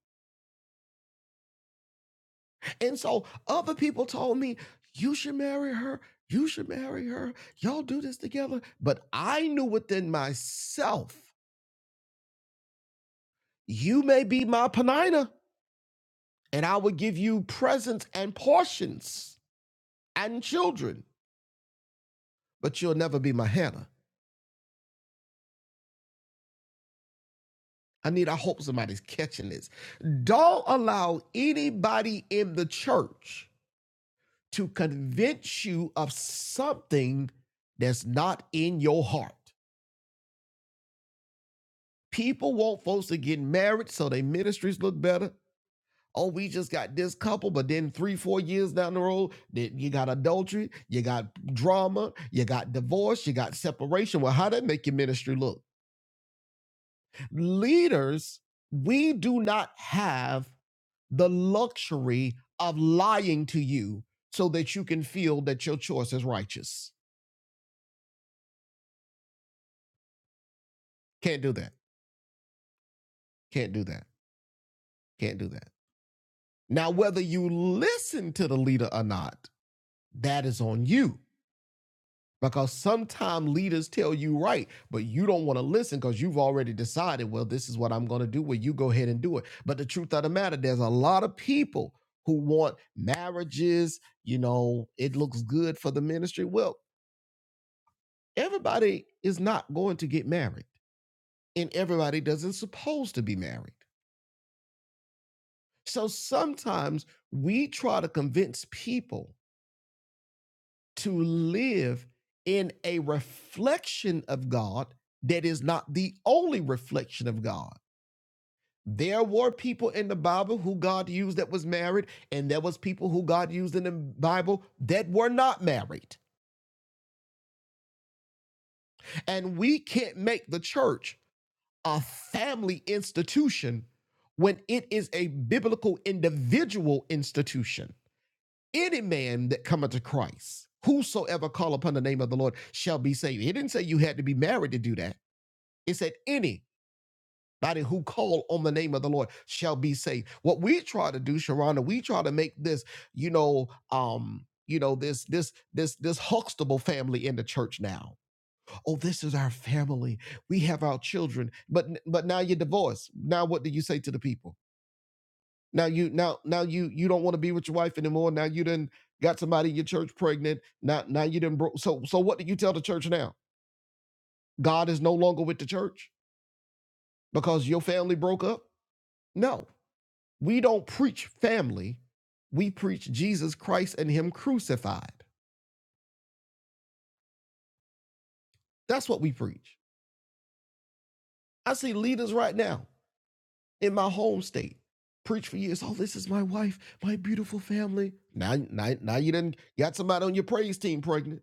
S1: And so other people told me, you should marry her. You should marry her. Y'all do this together. But I knew within myself, you may be my Penina, and I will give you presents and portions and children. but you'll never be my Hannah. I need, I hope somebody's catching this. Don't allow anybody in the church to convince you of something that's not in your heart. People want folks to get married so their ministries look better. Oh, we just got this couple, but then three, four years down the road, then you got adultery, you got drama, you got divorce, you got separation. Well, how did that make your ministry look? Leaders, we do not have the luxury of lying to you so that you can feel that your choice is righteous. Can't do that. Can't do that. Can't do that. Now, whether you listen to the leader or not, that is on you. Because sometimes leaders tell you right, but you don't want to listen because you've already decided, well, this is what I'm going to do. Well, you go ahead and do it. But the truth of the matter, there's a lot of people who want marriages. You know, it looks good for the ministry. Well, everybody is not going to get married and everybody doesn't suppose to be married so sometimes we try to convince people to live in a reflection of god that is not the only reflection of god there were people in the bible who god used that was married and there was people who god used in the bible that were not married and we can't make the church a family institution when it is a biblical individual institution. Any man that cometh to Christ, whosoever call upon the name of the Lord shall be saved. He didn't say you had to be married to do that. It said anybody who call on the name of the Lord shall be saved. What we try to do, Sharonda, we try to make this, you know, um, you know, this this this this Huxtable family in the church now oh this is our family we have our children but but now you're divorced now what do you say to the people now you now now you you don't want to be with your wife anymore now you done got somebody in your church pregnant now now you done broke so so what do you tell the church now god is no longer with the church because your family broke up no we don't preach family we preach jesus christ and him crucified that's what we preach i see leaders right now in my home state. Preach for years. Oh, this is my wife, my beautiful family. Now, now, now you didn't got somebody on your praise team pregnant.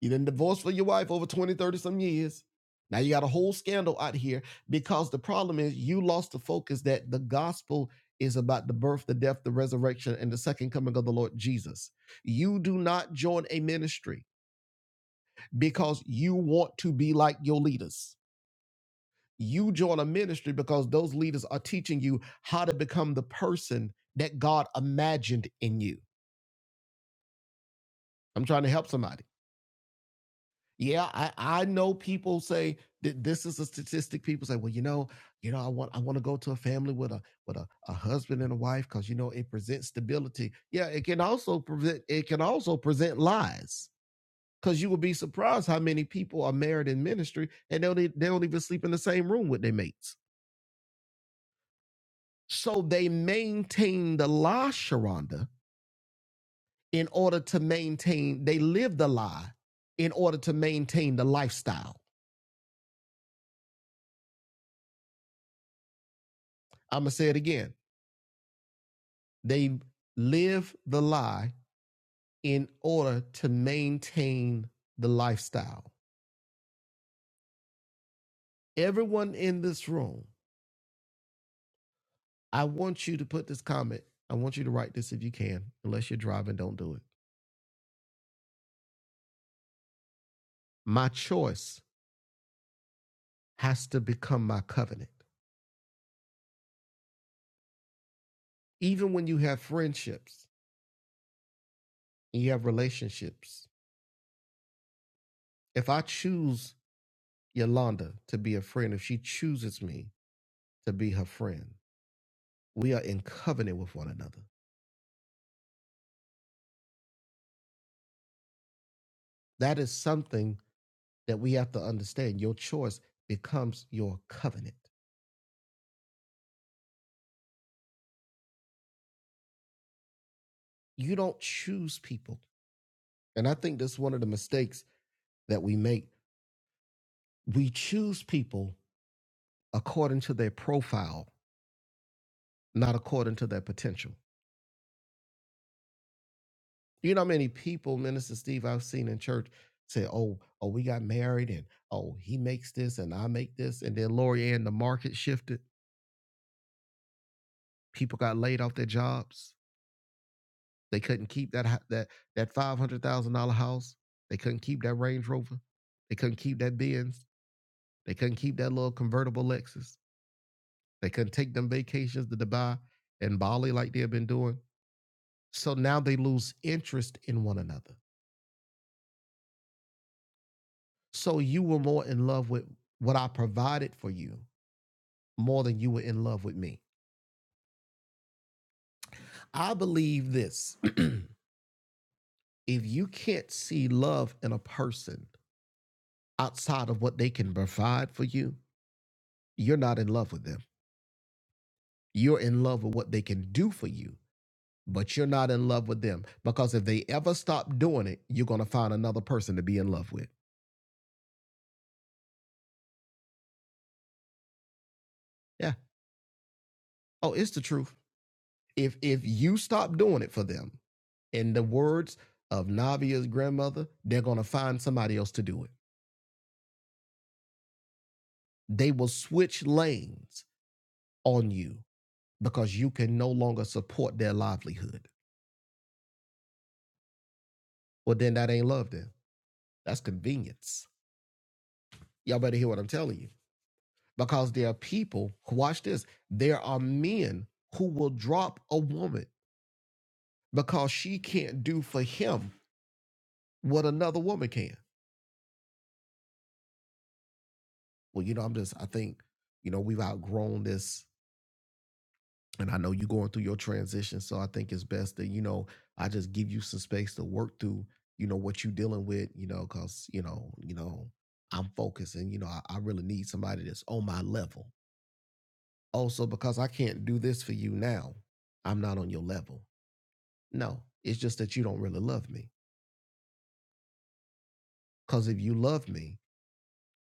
S1: You didn't divorce for your wife over 20, 30 some years. Now you got a whole scandal out here because the problem is you lost the focus that the gospel is about the birth, the death, the resurrection, and the second coming of the Lord Jesus. You do not join a ministry because you want to be like your leaders you join a ministry because those leaders are teaching you how to become the person that God imagined in you. I'm trying to help somebody. Yeah, I, I know people say that this is a statistic. People say, well, you know, you know, I want I want to go to a family with a with a, a husband and a wife because you know it presents stability. Yeah, it can also present it can also present lies because you will be surprised how many people are married in ministry and they don't, e- they don't even sleep in the same room with their mates So they maintain the lie, Sharonda, in order to maintain, they live the lie in order to maintain the lifestyle. I'm going to say it again. They live the lie in order to maintain the lifestyle. Everyone in this room, I want you to put this comment. I want you to write this if you can. Unless you're driving, don't do it. My choice has to become my covenant. Even when you have friendships and you have relationships, If I choose Yolanda to be a friend, if she chooses me to be her friend, we are in covenant with one another. That is something that we have to understand. Your choice becomes your covenant. You don't choose people. And I think that's one of the mistakes that we make. We choose people according to their profile, not according to their potential. You know how many people, Minister Steve, I've seen in church say, "Oh, oh, we got married, and oh, he makes this, and I make this," and then Lori Ann, the market shifted. People got laid off their jobs. They couldn't keep that hou- that that five hundred thousand dollar house. They couldn't keep that Range Rover. They couldn't keep that Benz. They couldn't keep that little convertible Lexus. They couldn't take them vacations to Dubai and Bali like they've been doing. So now they lose interest in one another. So you were more in love with what I provided for you more than you were in love with me. I believe this if you can't see love in a person outside of what they can provide for you, you're not in love with them. You're in love with what they can do for you, but you're not in love with them because if they ever stop doing it, you're going to find another person to be in love with. Yeah. Oh, it's the truth. If if you stop doing it for them, in the words of Navia's grandmother, they're going to find somebody else to do it. They will switch lanes on you because you can no longer support their livelihood. Well, then that ain't love, then. That's convenience. Y'all better hear what I'm telling you. Because there are people, watch this, there are men who will drop a woman because she can't do for him what another woman can. Well, you know, I'm just, I think, you know, we've outgrown this and I know you going through your transition, so I think it's best that you know I just give you some space to work through, you know, what you dealing with, you know, because you know, you know, I'm focused, and you know, I, I really need somebody that's on my level. Also, because I can't do this for you now, I'm not on your level. No, it's just that you don't really love me. Because if you love me,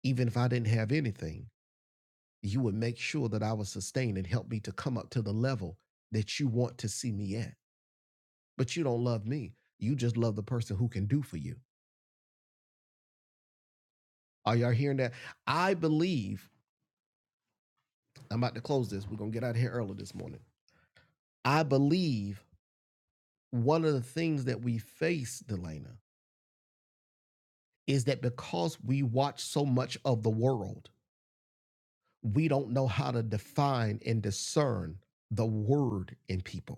S1: even if I didn't have anything, you would make sure that I was sustained and help me to come up to the level that you want to see me at but you don't love me. You just love the person who can do for you. Are y'all hearing that? I believe, I'm about to close this. We're going to get out of here early this morning. I believe one of the things that we face, Delana, is that because we watch so much of the world, we don't know how to define and discern the word in people.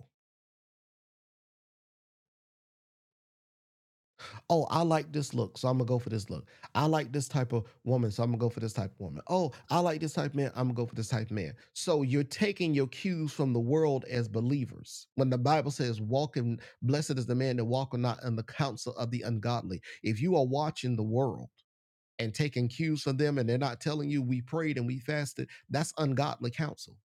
S1: Oh, I like this look, so I'm gonna go for this look. I like this type of woman, so I'm gonna go for this type of woman. Oh, I like this type of man, I'm gonna go for this type of man. So you're taking your cues from the world as believers. When the Bible says, walking, blessed is the man that walketh not in the counsel of the ungodly. If you are watching the world and taking cues from them and they're not telling you we prayed and we fasted, that's ungodly counsel.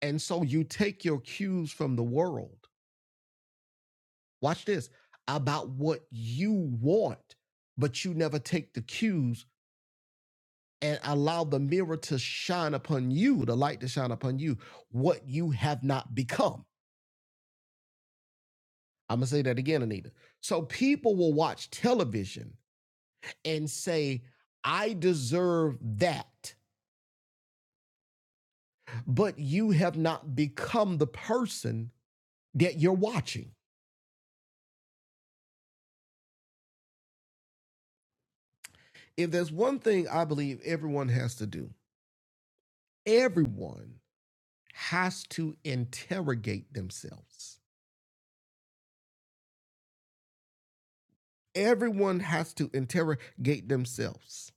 S1: And so you take your cues from the world watch this, about what you want, but you never take the cues and allow the mirror to shine upon you, the light to shine upon you, what you have not become. I'm gonna say that again, Anita. So people will watch television and say, I deserve that, but you have not become the person that you're watching. If there's one thing I believe everyone has to do, everyone has to interrogate themselves. Everyone has to interrogate themselves.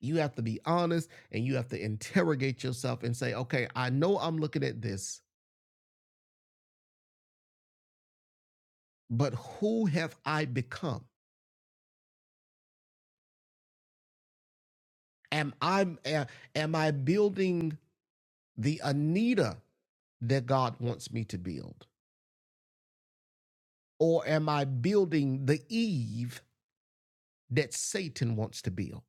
S1: You have to be honest and you have to interrogate yourself and say, okay, I know I'm looking at this, but who have I become? Am I am I building the Anita that God wants me to build? Or am I building the Eve that Satan wants to build?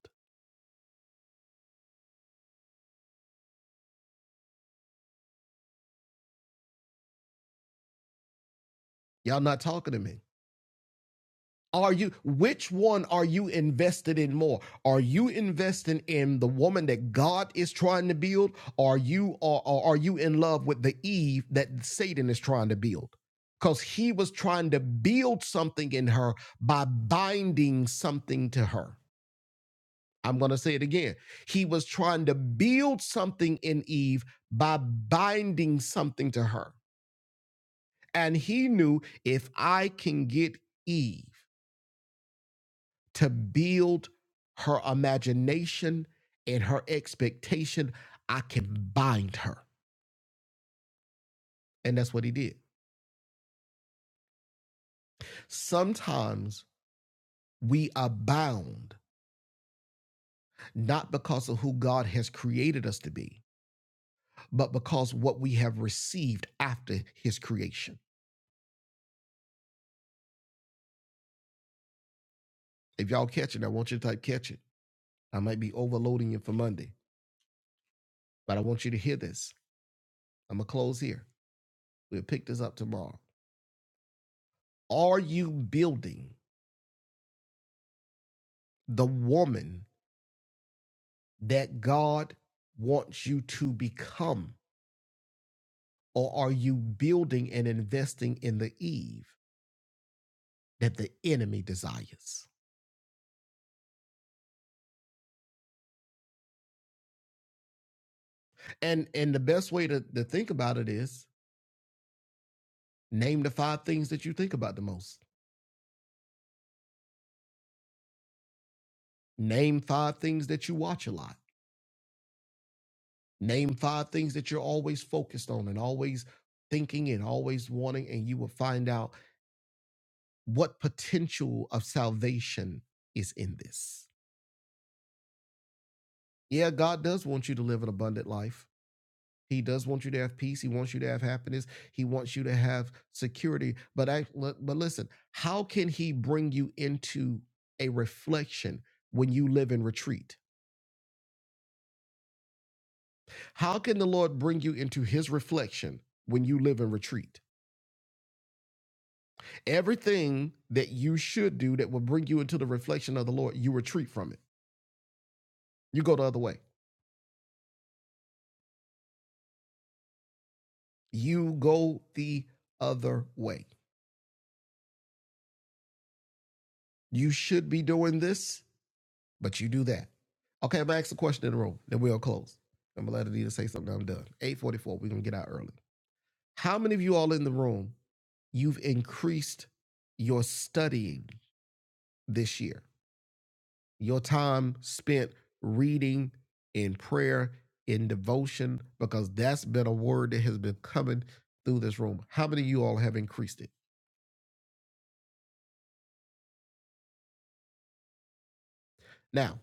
S1: Y'all not talking to me. Are you which one are you invested in more? Are you investing in the woman that God is trying to build? Are you or, or are you in love with the Eve that Satan is trying to build? Because he was trying to build something in her by binding something to her. I'm going to say it again. He was trying to build something in Eve by binding something to her. And he knew if I can get Eve, to build her imagination and her expectation, I can bind her. And that's what he did. Sometimes we are bound not because of who God has created us to be, but because what we have received after his creation. If y'all catch it, I want you to type catch it. I might be overloading you for Monday, but I want you to hear this. I'm going to close here. We'll pick this up tomorrow. Are you building the woman that God wants you to become? Or are you building and investing in the Eve that the enemy desires? And and the best way to, to think about it is name the five things that you think about the most. Name five things that you watch a lot. Name five things that you're always focused on and always thinking and always wanting, and you will find out what potential of salvation is in this. Yeah, God does want you to live an abundant life. He does want you to have peace. He wants you to have happiness. He wants you to have security. But I but listen, how can he bring you into a reflection when you live in retreat? How can the Lord bring you into his reflection when you live in retreat? Everything that you should do that will bring you into the reflection of the Lord, you retreat from it. You go the other way. You go the other way. You should be doing this But you do that. Okay, I'm gonna ask a question in the room, then we'll close. I'm gonna let Anita say something. I'm done. 844, we're gonna get out early. How many of you all in the room, you've increased your studying this year? Your time spent reading in prayer, in devotion, because that's been a word that has been coming through this room. How many of you all have increased it? Now,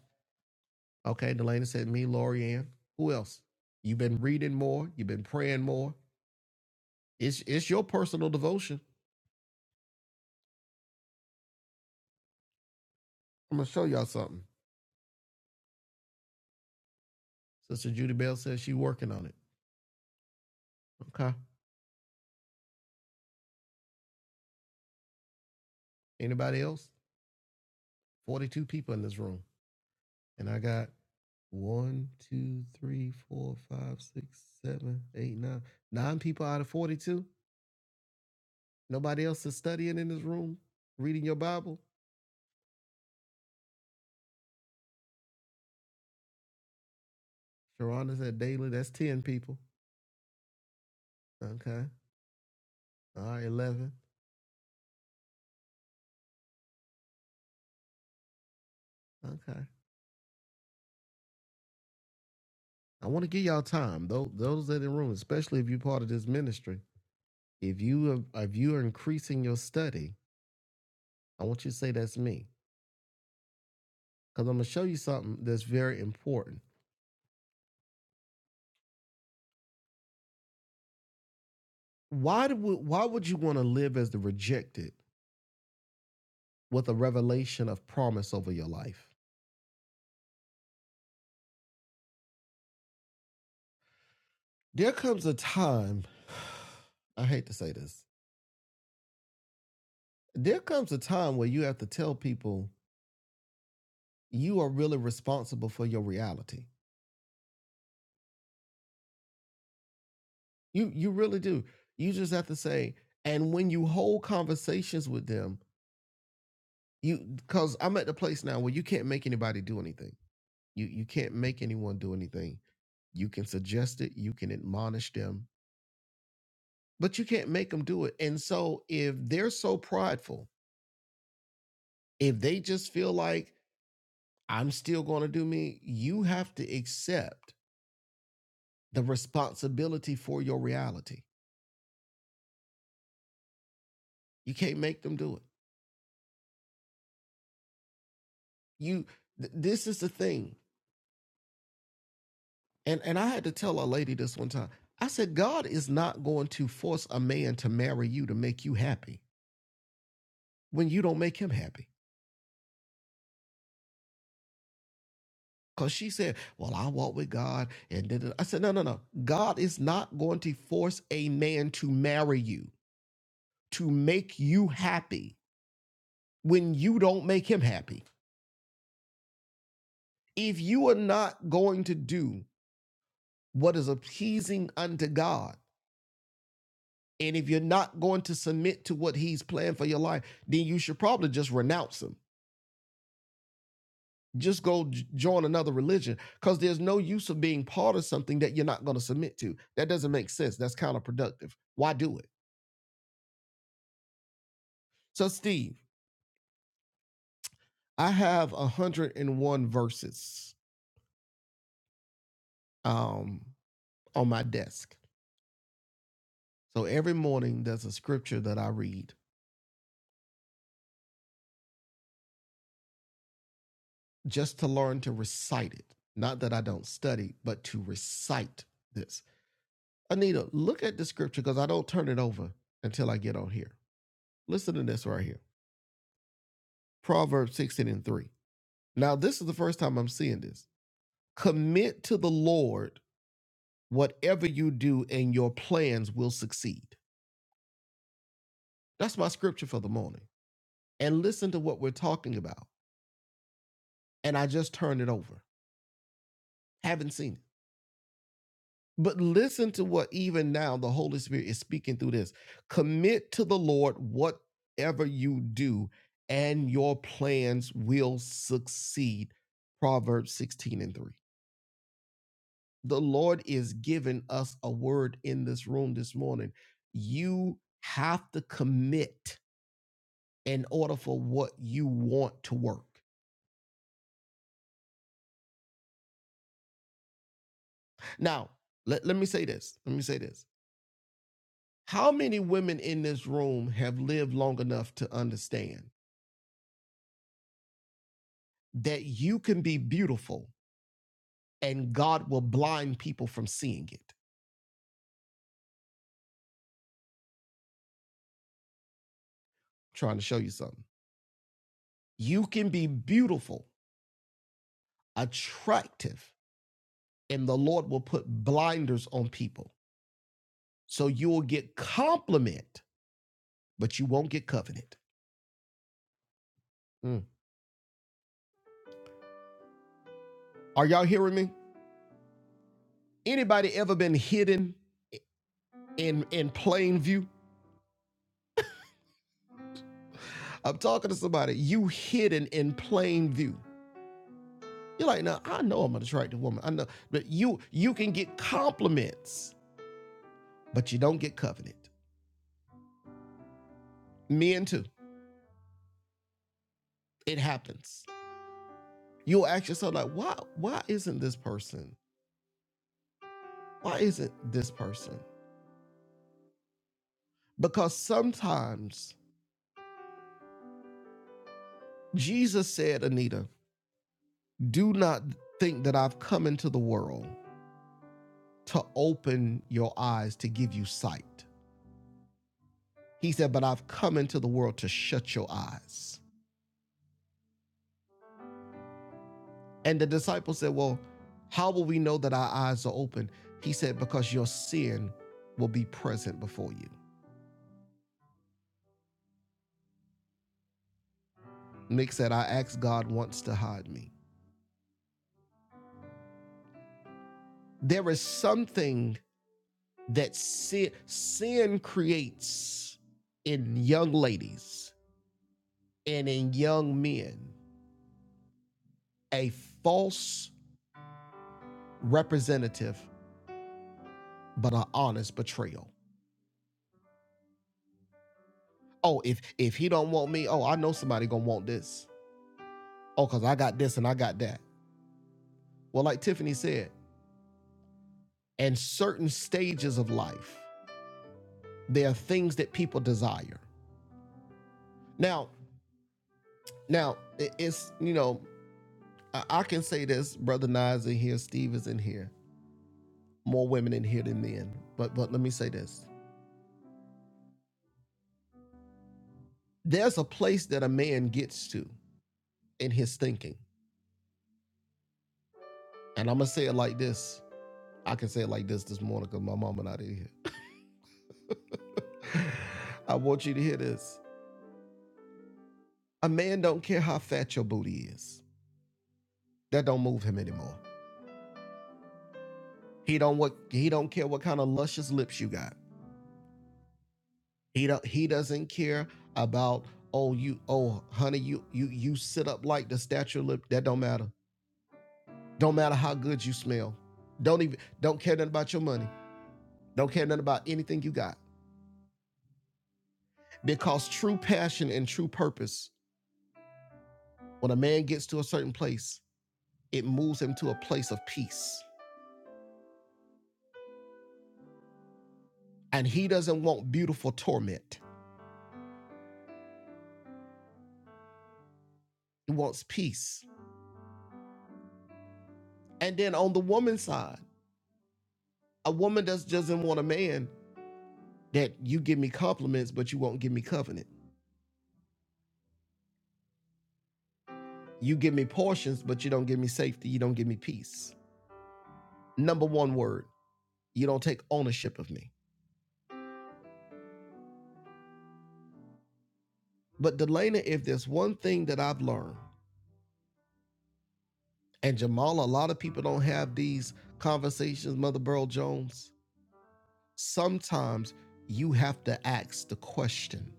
S1: okay, Delana said me, Lori Ann. Who else? You've been reading more, you've been praying more. It's it's your personal devotion. I'm gonna show y'all something. Sister Judy Bell says she's working on it. Okay. Anybody else? 42 people in this room. And I got one, two, three, four, five, six, seven, eight, nine. Nine people out of 42. Nobody else is studying in this room, reading your Bible. Sharonda said daily, that's 10 people. Okay. All right, 11. Okay. I want to give y'all time, Those those that are in the room, especially if you're part of this ministry. If you have, if you are increasing your study, I want you to say that's me. because I'm gonna show you something that's very important. Why do we, why would you want to live as the rejected with a revelation of promise over your life? There comes a time, I hate to say this. There comes a time where you have to tell people you are really responsible for your reality. You you really do. You just have to say, and when you hold conversations with them, you because I'm at the place now where you can't make anybody do anything. You you can't make anyone do anything You can suggest it, you can admonish them, but you can't make them do it. And so if they're so prideful, if they just feel like I'm still going to do me, you have to accept the responsibility for your reality. You can't make them do it. You th- this is the thing. And and I had to tell a lady this one time. I said God is not going to force a man to marry you to make you happy when you don't make him happy. Because she said, Well, I walk with God. And da- da- da." I said, No, no, no. God is not going to force a man to marry you, to make you happy when you don't make him happy. If you are not going to do what is appeasing unto God, and if you're not going to submit to what he's planned for your life, then you should probably just renounce him. Just go j- join another religion because there's no use of being part of something that you're not going to submit to. That doesn't make sense. That's counterproductive. Why do it? So, Steve, I have 101 verses um, on my desk. So every morning there's a scripture that I read just to learn to recite it. Not that I don't study, but to recite this. Anita, look at the scripture because I don't turn it over until I get on here. Listen to this right here Proverbs 16 and 3. Now, this is the first time I'm seeing this. Commit to the Lord whatever you do, and your plans will succeed. That's my scripture for the morning and listen to what we're talking about. And I just turned it over. Haven't seen it. But listen to what even now the Holy Spirit is speaking through this. Commit to the Lord whatever you do, and your plans will succeed. Proverbs 16 and 3. The Lord is giving us a word in this room this morning. You have to commit in order for what you want to work. Now, let, let me say this. Let me say this How many women in this room have lived long enough to understand that you can be beautiful and God will blind people from seeing it? I'm trying to show you something. You can be beautiful, attractive, and the Lord will put blinders on people. So you will get compliment, but you won't get covenant. Mm. Are y'all hearing me? Anybody ever been hidden in in plain view? I'm talking to somebody. You hidden in plain view. You're like, no, I know I'm an attractive woman. I know, but you you can get compliments, but you don't get covenant. Men too. It happens. You'll ask yourself, like, why why isn't this person? Why isn't this person? Because sometimes Jesus said, Anita, do not think that I've come into the world to open your eyes to give you sight. He said, but I've come into the world to shut your eyes. And the disciples said, Well, how will we know that our eyes are open? He said, Because your sin will be present before you. Nick said, I asked God once to hide me. There is something that sin, sin creates in young ladies and in young men a false representative, but an honest betrayal. Oh, if if he don't want me, oh, I know somebody gonna want this. Oh, cause I got this and I got that. Well, like Tiffany said, and certain stages of life there are things that people desire now now it's you know i can say this brother Nas in here steve is in here more women in here than men but but let me say this there's a place that a man gets to in his thinking and i'm gonna say it like this i can say it like this this morning because my mama not in here i want you to hear this a man don't care how fat your booty is that don't move him anymore he don't what he don't care what kind of luscious lips you got He don't he doesn't care about oh you oh honey you you you sit up like the statue of lip that don't matter. Don't matter how good you smell. Don't even don't care nothing about your money. Don't care nothing about anything you got. Because true passion and true purpose, when a man gets to a certain place, it moves him to a place of peace. And he doesn't want beautiful torment. He wants peace. And then on the woman's side, a woman just doesn't want a man that you give me compliments, but you won't give me covenant You give me portions, but you don't give me safety. You don't give me peace. Number one word, you don't take ownership of me. But Delana, if there's one thing that I've learned, and Jamal, a lot of people don't have these conversations, Mother Burl Jones. Sometimes you have to ask the question,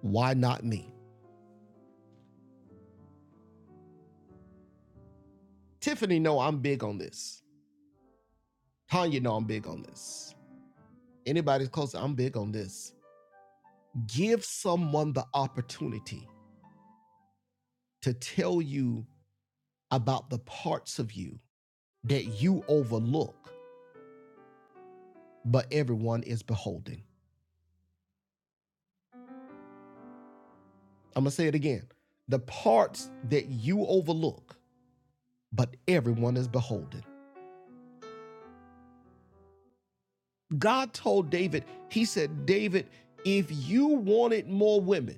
S1: why not me? Tiffany, no, I'm big on this. Tanya, no, I'm big on this. Anybody's close, I'm big on this. Give someone the opportunity to tell you about the parts of you that you overlook, but everyone is beholding. I'm going to say it again. The parts that you overlook, but everyone is beholding. God told David, He said, David, if you wanted more women,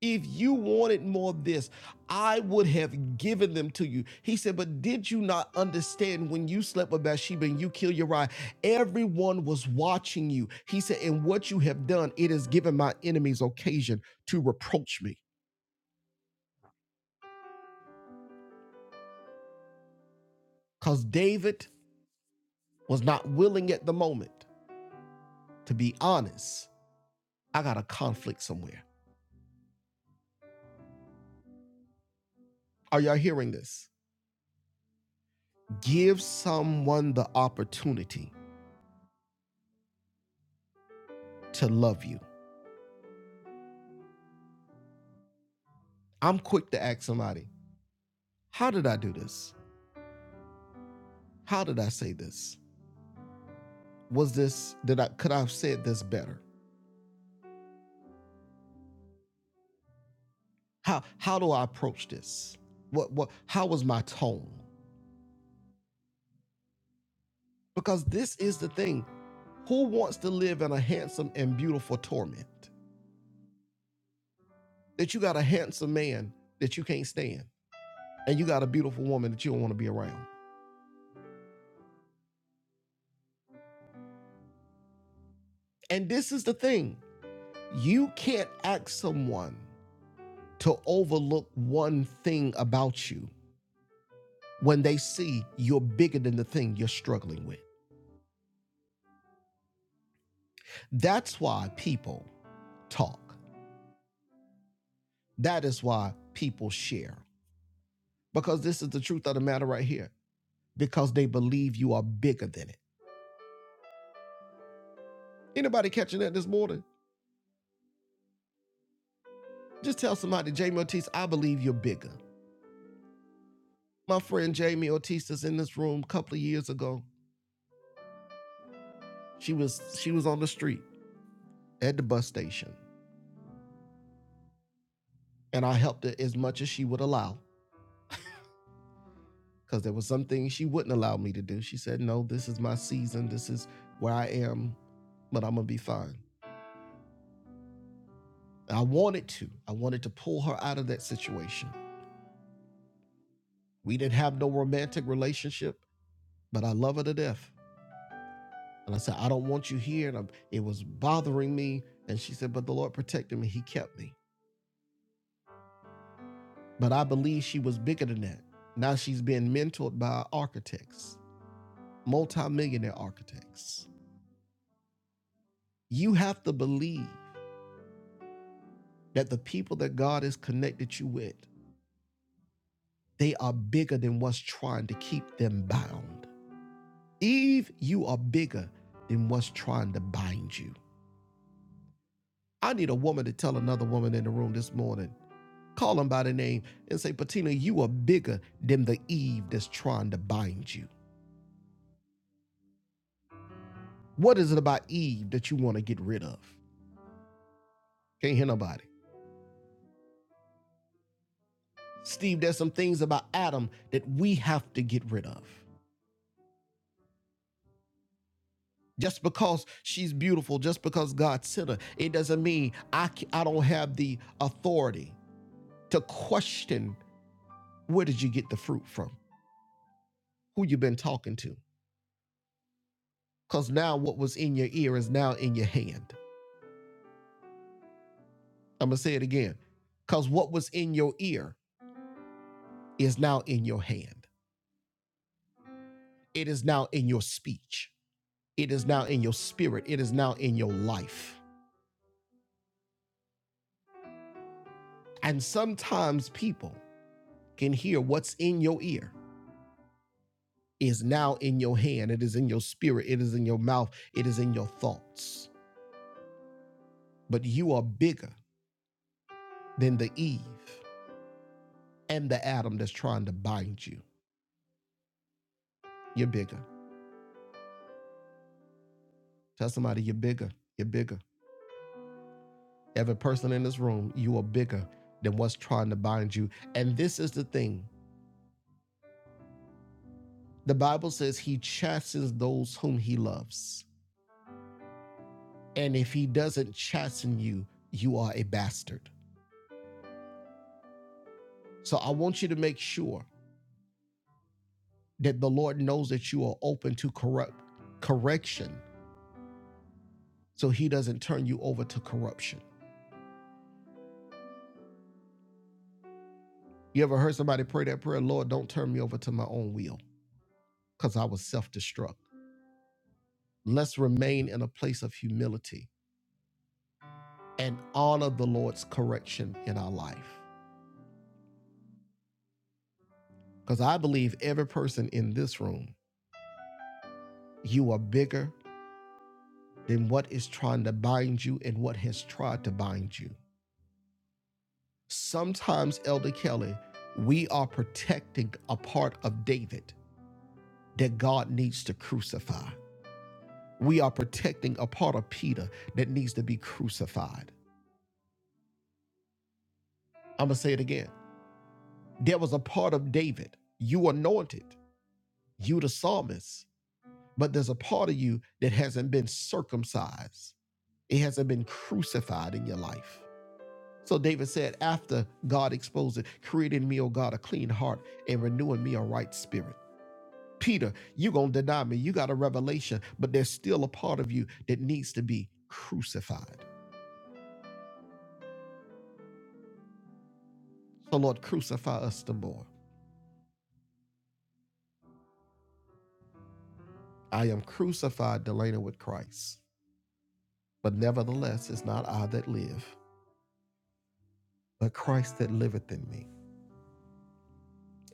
S1: if you wanted more of this, I would have given them to you. He said, But did you not understand when you slept with Bathsheba and you killed Uriah? Everyone was watching you. He said, And what you have done, it has given my enemies occasion to reproach me. Because David was not willing at the moment to be honest. I got a conflict somewhere. Are y'all hearing this? Give someone the opportunity to love you. I'm quick to ask somebody, how did I do this? How did I say this? Was this did I could I have said this better? How how do I approach this? What what how was my tone? Because this is the thing. Who wants to live in a handsome and beautiful torment? That you got a handsome man that you can't stand and you got a beautiful woman that you don't want to be around. And this is the thing you can't ask someone to overlook one thing about you when they see you're bigger than the thing you're struggling with. That's why people talk. That is why people share. Because this is the truth of the matter right here. Because they believe you are bigger than it. Anybody catching that this morning? Just tell somebody, Jamie Ortiz, I believe you're bigger. My friend Jamie Ortiz is in this room a couple of years ago She was she was on the street at the bus station, and I helped her as much as she would allow because there was some things she wouldn't allow me to do. She said, "No, this is my season. This is where I am, but I'm gonna be fine." And I wanted to. I wanted to pull her out of that situation. We didn't have no romantic relationship, but I love her to death. And I said, "I don't want you here," and I'm, it was bothering me. And she said, "But the Lord protected me. He kept me." But I believe she was bigger than that. Now she's being mentored by architects multimillionaire architects. You have to believe that the people that God has connected you with, they are bigger than what's trying to keep them bound. Eve, you are bigger than what's trying to bind you. I need a woman to tell another woman in the room this morning, call them by the name and say, Patina, you are bigger than the Eve that's trying to bind you. What is it about Eve that you want to get rid of? Can't hear nobody. Steve, there's some things about Adam that we have to get rid of. Just because she's beautiful, just because God sent her, it doesn't mean I I c- I don't have the authority to question where did you get the fruit from? Who you been talking to? Because now what was in your ear is now in your hand. I'm going to say it again. Because what was in your ear is now in your hand. It is now in your speech. It is now in your spirit. It is now in your life. And sometimes people can hear what's in your ear is now in your hand. It is in your spirit. It is in your mouth. It is in your thoughts. But you are bigger than the Eve and the Adam that's trying to bind you. You're bigger. Tell somebody you're bigger. You're bigger. Every person in this room, you are bigger than what's trying to bind you. And this is the thing the Bible says he chastens those whom he loves. And if he doesn't chasten you, you are a bastard. So I want you to make sure that the Lord knows that you are open to corrupt correction, so He doesn't turn you over to corruption. You ever heard somebody pray that prayer, Lord, don't turn me over to my own will, because I was self-destruct. Let's remain in a place of humility and honor the Lord's correction in our life. Because I believe every person in this room, you are bigger than what is trying to bind you and what has tried to bind you. Sometimes, Elder Kelly, we are protecting a part of David that God needs to crucify. We are protecting a part of Peter that needs to be crucified. I'm going to say it again. There was a part of David, you anointed, you the psalmist, but there's a part of you that hasn't been circumcised. It hasn't been crucified in your life. So David said, after God exposed it, create in me, O God, a clean heart and renew in me a right spirit. Peter, you're going to deny me. You got a revelation, but there's still a part of you that needs to be crucified. So, Lord, crucify us the more. I am crucified, Delana, with Christ. But nevertheless, it's not I that live, but Christ that liveth in me.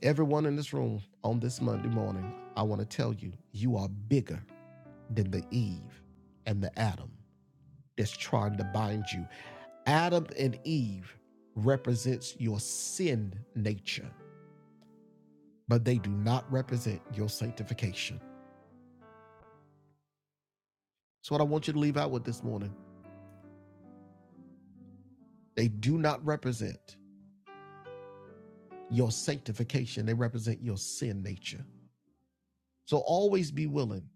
S1: Everyone in this room on this Monday morning, I want to tell you, you are bigger than the Eve and the Adam that's trying to bind you. Adam and Eve represents your sin nature, but they do not represent your sanctification. So what I want you to leave out with this morning, they do not represent your sanctification. They represent your sin nature. So always be willing.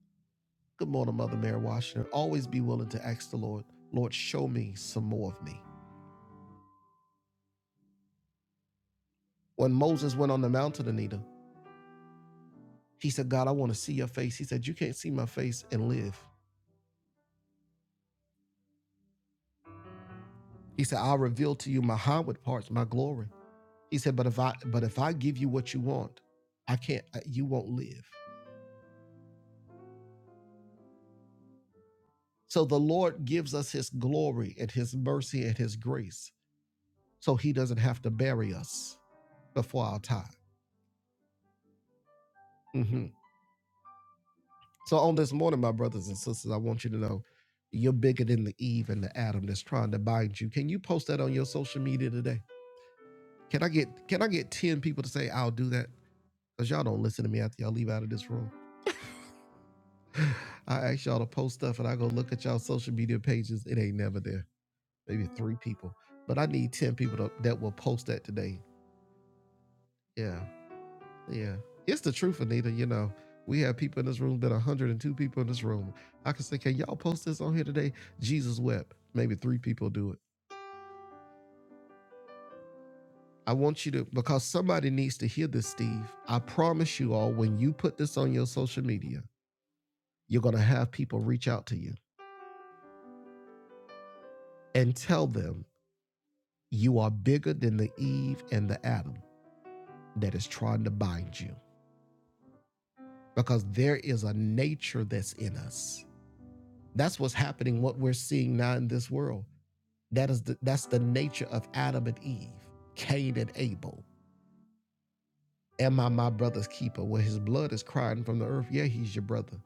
S1: Good morning, Mother Mary Washington. Always be willing to ask the Lord, Lord, show me some more of me. When Moses went on the mountain, Anita, he said, God, I want to see your face. He said, You can't see my face and live. He said, I'll reveal to you my highward parts, my glory. He said, But if I but if I give you what you want, I can't, you won't live. So the Lord gives us his glory and his mercy and his grace. So he doesn't have to bury us before our time. hmm So on this morning, my brothers and sisters, I want you to know you're bigger than the Eve and the Adam that's trying to bind you. Can you post that on your social media today? Can I get can I get 10 people to say I'll do that? Because y'all don't listen to me after y'all leave out of this room. I ask y'all to post stuff and I go look at y'all social media pages. It ain't never there. Maybe three people. But I need 10 people to, that will post that today. Yeah. Yeah. It's the truth, Anita. You know, we have people in this room, been 102 people in this room. I can say, can y'all post this on here today? Jesus wept. Maybe three people do it. I want you to, because somebody needs to hear this, Steve. I promise you all, when you put this on your social media, you're going to have people reach out to you and tell them you are bigger than the Eve and the Adam that is trying to bind you because there is a nature that's in us. That's what's happening, what we're seeing now in this world That is the, that's the nature of Adam and Eve, Cain and Abel. Am I my brother's keeper? Well, his blood is crying from the earth. Yeah, he's your brother.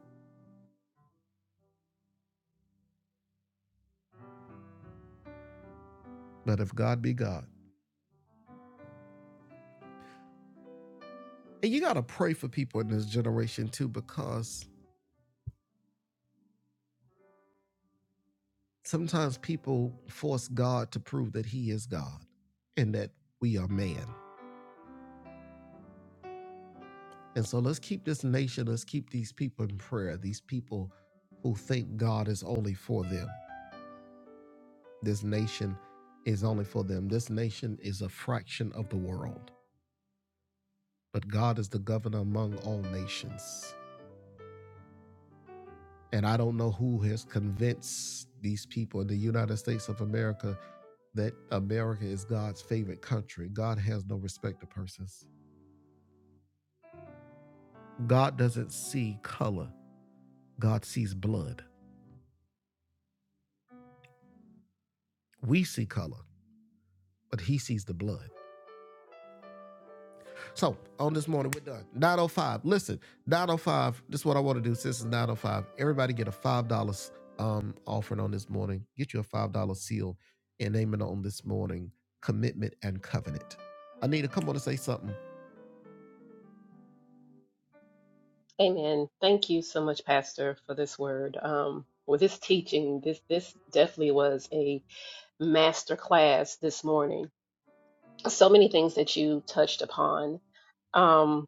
S1: But if God be God. And you got to pray for people in this generation too, because sometimes people force God to prove that he is God and that we are man. And so let's keep this nation, let's keep these people in prayer, these people who think God is only for them. This nation is only for them. This nation is a fraction of the world. but God is the governor among all nations. And I don't know who has convinced these people in the United States of America that America is God's favorite country. God has no respect of persons. God doesn't see color, God sees blood. We see color, but He sees the blood. So on this morning, we're done. 905. Listen, 905. This is what I want to do since it's 905. Everybody get a five dollars um offering on this morning. Get you a five dollar seal and name it on this morning. Commitment and covenant. Anita, come on and say something.
S4: Amen. Thank you so much, Pastor, for this word. Um, for this teaching, this this definitely was a. master class this morning. So many things that you touched upon. Um,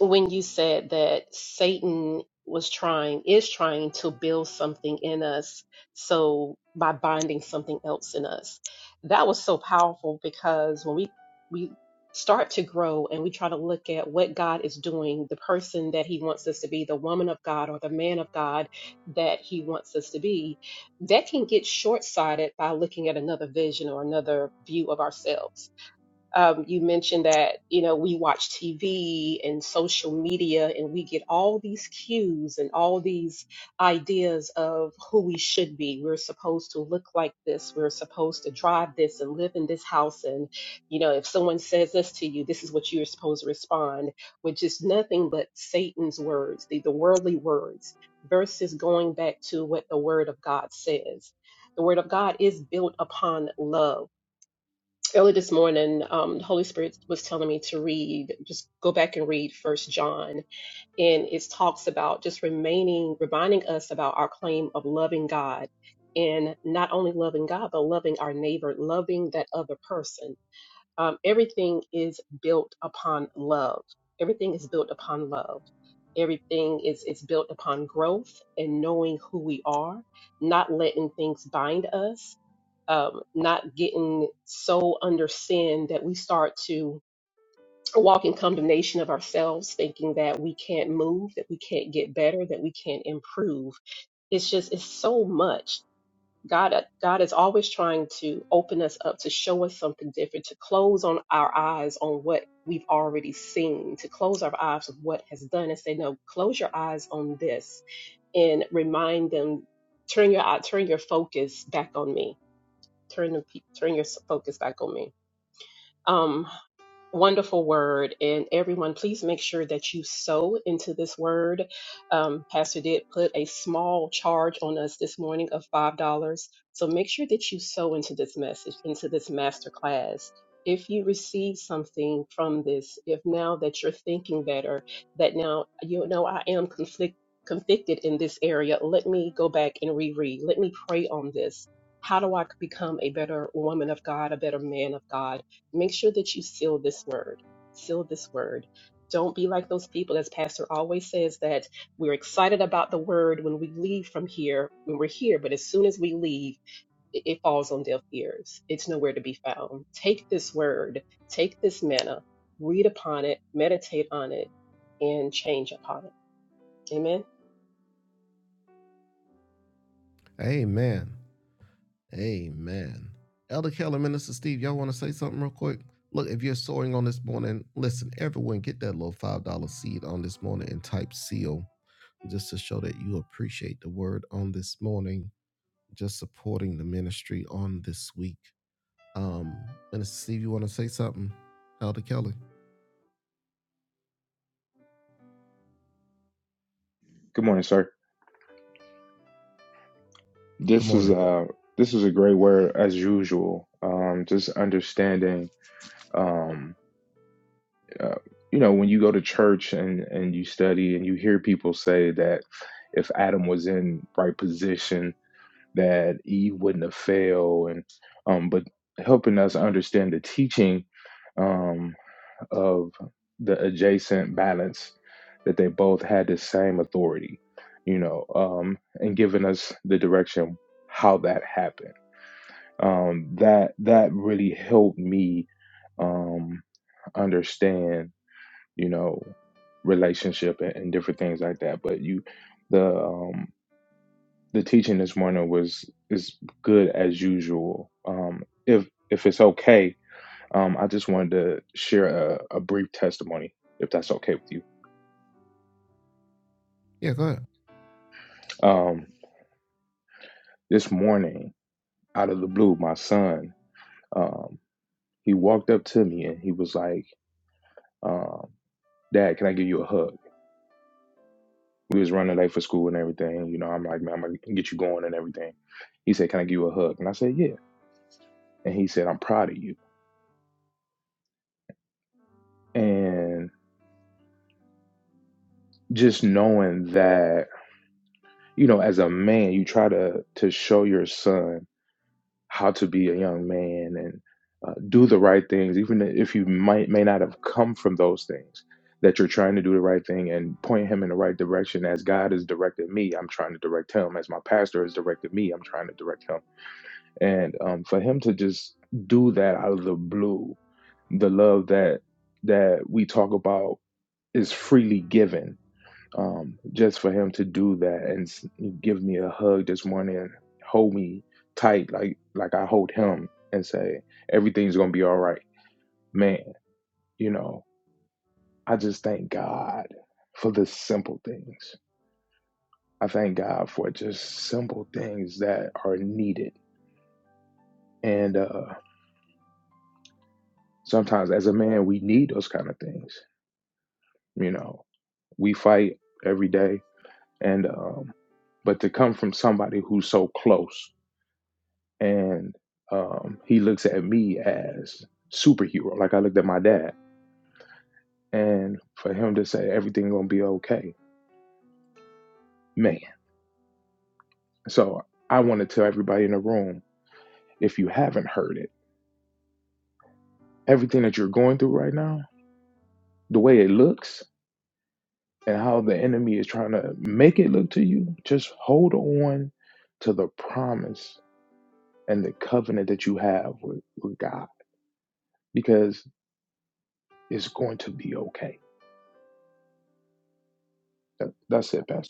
S4: when you said that Satan was trying, is trying to build something in us. So by binding something else in us, that was so powerful because when we, we start to grow and we try to look at what God is doing, the person that he wants us to be, the woman of God or the man of God that he wants us to be, that can get short sighted by looking at another vision or another view of ourselves um, you mentioned that you know we watch TV and social media, and we get all these cues and all these ideas of who we should be. We're supposed to look like this. We're supposed to drive this and live in this house. And you know, if someone says this to you, this is what you're supposed to respond, which is nothing but Satan's words, the, the worldly words, versus going back to what the Word of God says. The Word of God is built upon love early this morning um, the holy spirit was telling me to read just go back and read first john and it talks about just remaining reminding us about our claim of loving god and not only loving god but loving our neighbor loving that other person um, everything is built upon love. Everything is built upon love. Everything is, is built upon growth and knowing who we are, not letting things bind us, um, not getting so under sin that we start to walk in condemnation of ourselves, thinking that we can't move, that we can't get better, that we can't improve. It's just, it's so much. God, uh, God is always trying to open us up to show us something different, to close on our eyes on what we've already seen, to close our eyes of what has done, and say, no, close your eyes on this, and remind them, turn your eye, turn your focus back on me, turn the pe- turn your s- focus back on me. Um, wonderful word and everyone please make sure that you sow into this word um, pastor did put a small charge on us this morning of five dollars so make sure that you sow into this message into this master class if you receive something from this if now that you're thinking better that now you know i am conflict convicted in this area let me go back and reread let me pray on this how do i become a better woman of god a better man of god make sure that you seal this word. Seal this word. Don't be like those people, as Pastor always says, that we're excited about the word when we leave from here, when we're here, but as soon as we leave, it, it falls on deaf ears. It's nowhere to be found. Take this word, take this manna, read upon it, meditate on it, and change upon it. Amen.
S1: Amen. Amen. Elder Keller, Minister Steve, y'all want to say something real quick? Look, if you're sowing on this morning, listen, everyone get that little $5 seed on this morning and type seal just to show that you appreciate the word on this morning. just supporting the ministry on this week. Um, Minister Steve, you want to say something? Elder Kelly,
S5: Good morning, sir.
S1: good
S5: This is
S1: morning.
S5: uh this is a great word as usual. Um, just understanding, um, uh, you know, when you go to church and and you study and you hear people say that if Adam was in right position, that Eve wouldn't have failed, and um, but helping us understand the teaching um, of the adjacent balance that they both had the same authority, you know, um, and giving us the direction how that happened. Um, that that really helped me um, understand, you know, relationship and, and different things like that. But you, the um, the teaching this morning was is good as usual. Um, if if it's okay, um, I just wanted to share a, a brief testimony, if that's okay with you.
S1: Yeah, go ahead.
S5: Um, this morning, out of the blue, my son, um, he walked up to me and he was like, um, "Dad, can I give you a hug?" We was running late for school and everything. You know, I'm like, "Man, I'm gonna get you going and everything." He said, "Can I give you a hug?" And I said, "Yeah." And he said, "I'm proud of you." And just knowing that, you know, as a man, you try to to show your son how to be a young man and uh, do the right things, even if you might may not have come from those things. That you're trying to do the right thing and point him in the right direction as God has directed me. I'm trying to direct him as my pastor has directed me. I'm trying to direct him, and um, for him to just do that out of the blue, the love that that we talk about is freely given um, just for him to do that and s- give me a hug this morning and hold me tight like like I hold him and say everything's gonna be all right, man. You know, I just thank God for the simple things. I thank God for just simple things that are needed, and uh, sometimes as a man we need those kind of things. You know, we fight every day, and um, but to come from somebody who's so close and um, he looks at me as superhero, like I looked at my dad. And for him to say everything gonna be okay, man. So I want to tell everybody in the room, if you haven't heard it, everything that you're going through right now, the way it looks and how the enemy is trying to make it look to you, just hold on to the promise and the covenant that you have with, with God, because it's going to be okay. That, that's it, Pastor.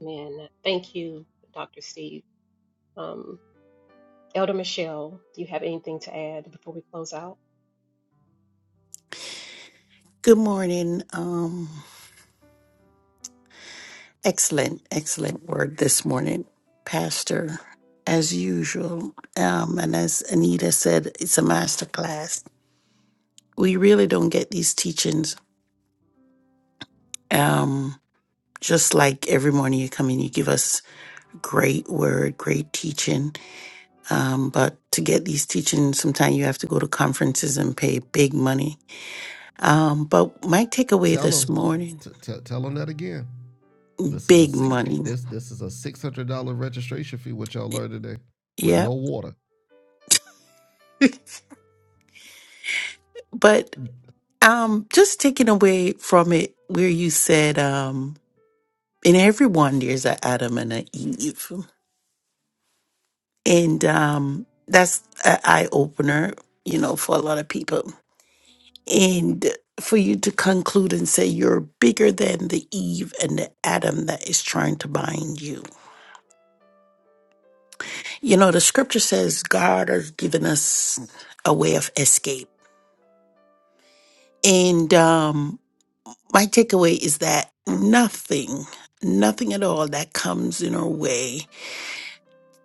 S4: Amen. Thank you, Dr. Steve. Um, Elder Michelle, do you have anything to add before we close out?
S2: Good morning. Um, excellent, excellent word this morning, Pastor, as usual. Um, and as Anita said, it's a masterclass we really don't get these teachings. Um, just like every morning you come in, you give us great word, great teaching. Um, but to get these teachings, sometimes you have to go to conferences and pay big money. Um, but my takeaway
S1: Tell
S2: this
S1: them,
S2: morning,
S1: t- t- tell them that again. This is a
S2: big
S1: six.
S2: money.
S1: This this is a six hundred dollar registration fee. which y'all learned today with
S2: Yeah.
S1: no water.
S2: But um, just taking away from it where you said, um, in everyone there's an Adam and an Eve. And um, that's an eye opener, you know, for a lot of people and for you to conclude and say you're bigger than the Eve and the Adam that is trying to bind you. You know, the scripture says God has given us a way of escape. And um, my takeaway is that nothing, nothing at all that comes in our way,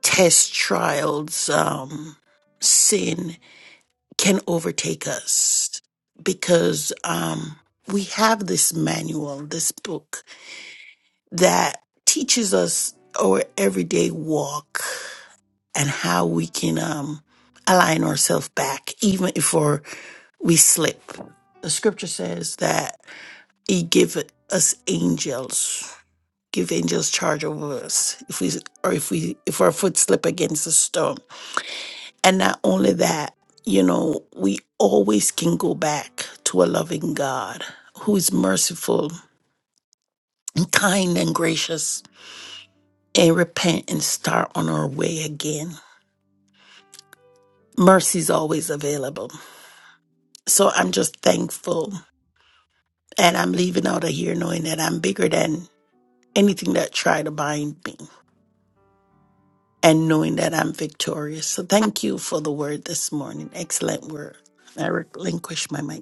S2: tests, trials, um, sin can overtake us because um, we have this manual, this book that teaches us our everyday walk and how we can um, align ourselves back, even if we're, we slip. The scripture says that He give us angels, give angels charge over us if we or if we if our foot slip against a stone. And not only that, you know, we always can go back to a loving God who is merciful and kind and gracious and repent and start on our way again. Mercy's always available. So I'm just thankful. And I'm leaving out of here knowing that I'm bigger than anything that tried to bind me and knowing that I'm victorious. So thank you for the word this morning. Excellent word. I relinquish my mic.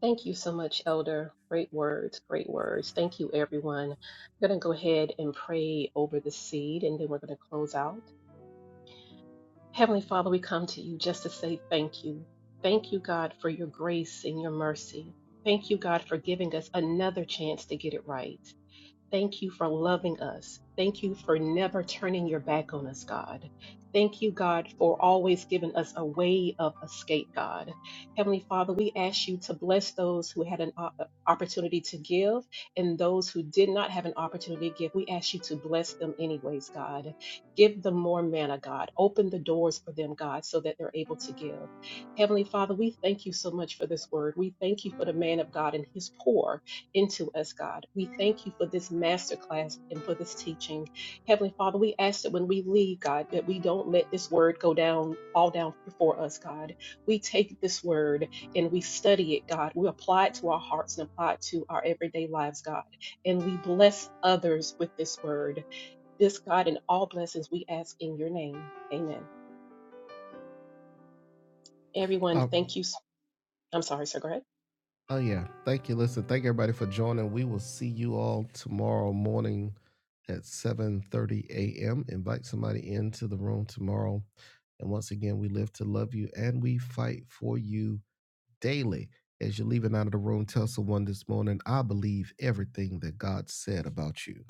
S4: Thank you so much, Elder. Great words, great words. Thank you, everyone. I'm going to go ahead and pray over the seed, and then we're going to close out. Heavenly Father, we come to you just to say thank you. Thank you, God, for your grace and your mercy. Thank you, God, for giving us another chance to get it right. Thank you for loving us. Thank you for never turning your back on us, God. Thank you, God, for always giving us a way of escape, God. Heavenly Father, we ask you to bless those who had an op- opportunity to give and those who did not have an opportunity to give. We ask you to bless them anyways, God. Give them more manna, God. Open the doors for them, God, so that they're able to give. Heavenly Father, we thank you so much for this word. We thank you for the man of God and his pour into us, God. We thank you for this masterclass and for this teaching. Heavenly Father, we ask that when we leave, God, that we don't let this word go down, fall down before us, God. We take this word and we study it, God. We apply it to our hearts and apply it to our everyday lives, God. And we bless others with this word. This, God, and all blessings we ask in your name. Amen. Everyone,
S1: Uh,
S4: thank you so I'm sorry, sir. Go ahead.
S1: oh yeah. Thank you. Listen, thank everybody for joining. We will see you all tomorrow morning at seven thirty a.m. Invite somebody into the room tomorrow. And once again, we live to love you and we fight for you daily. As you're leaving out of the room, tell someone this morning, I believe everything that God said about you.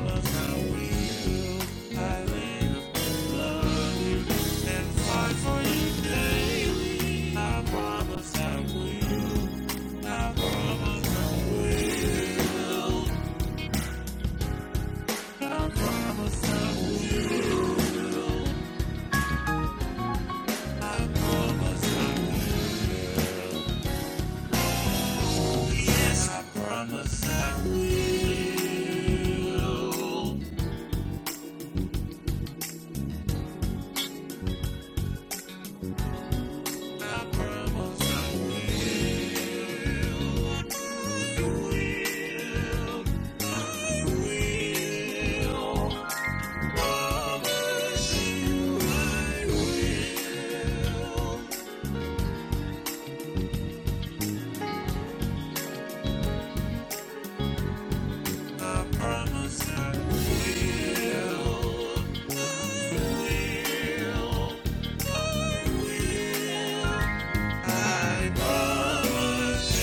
S1: I promise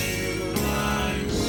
S1: you I will.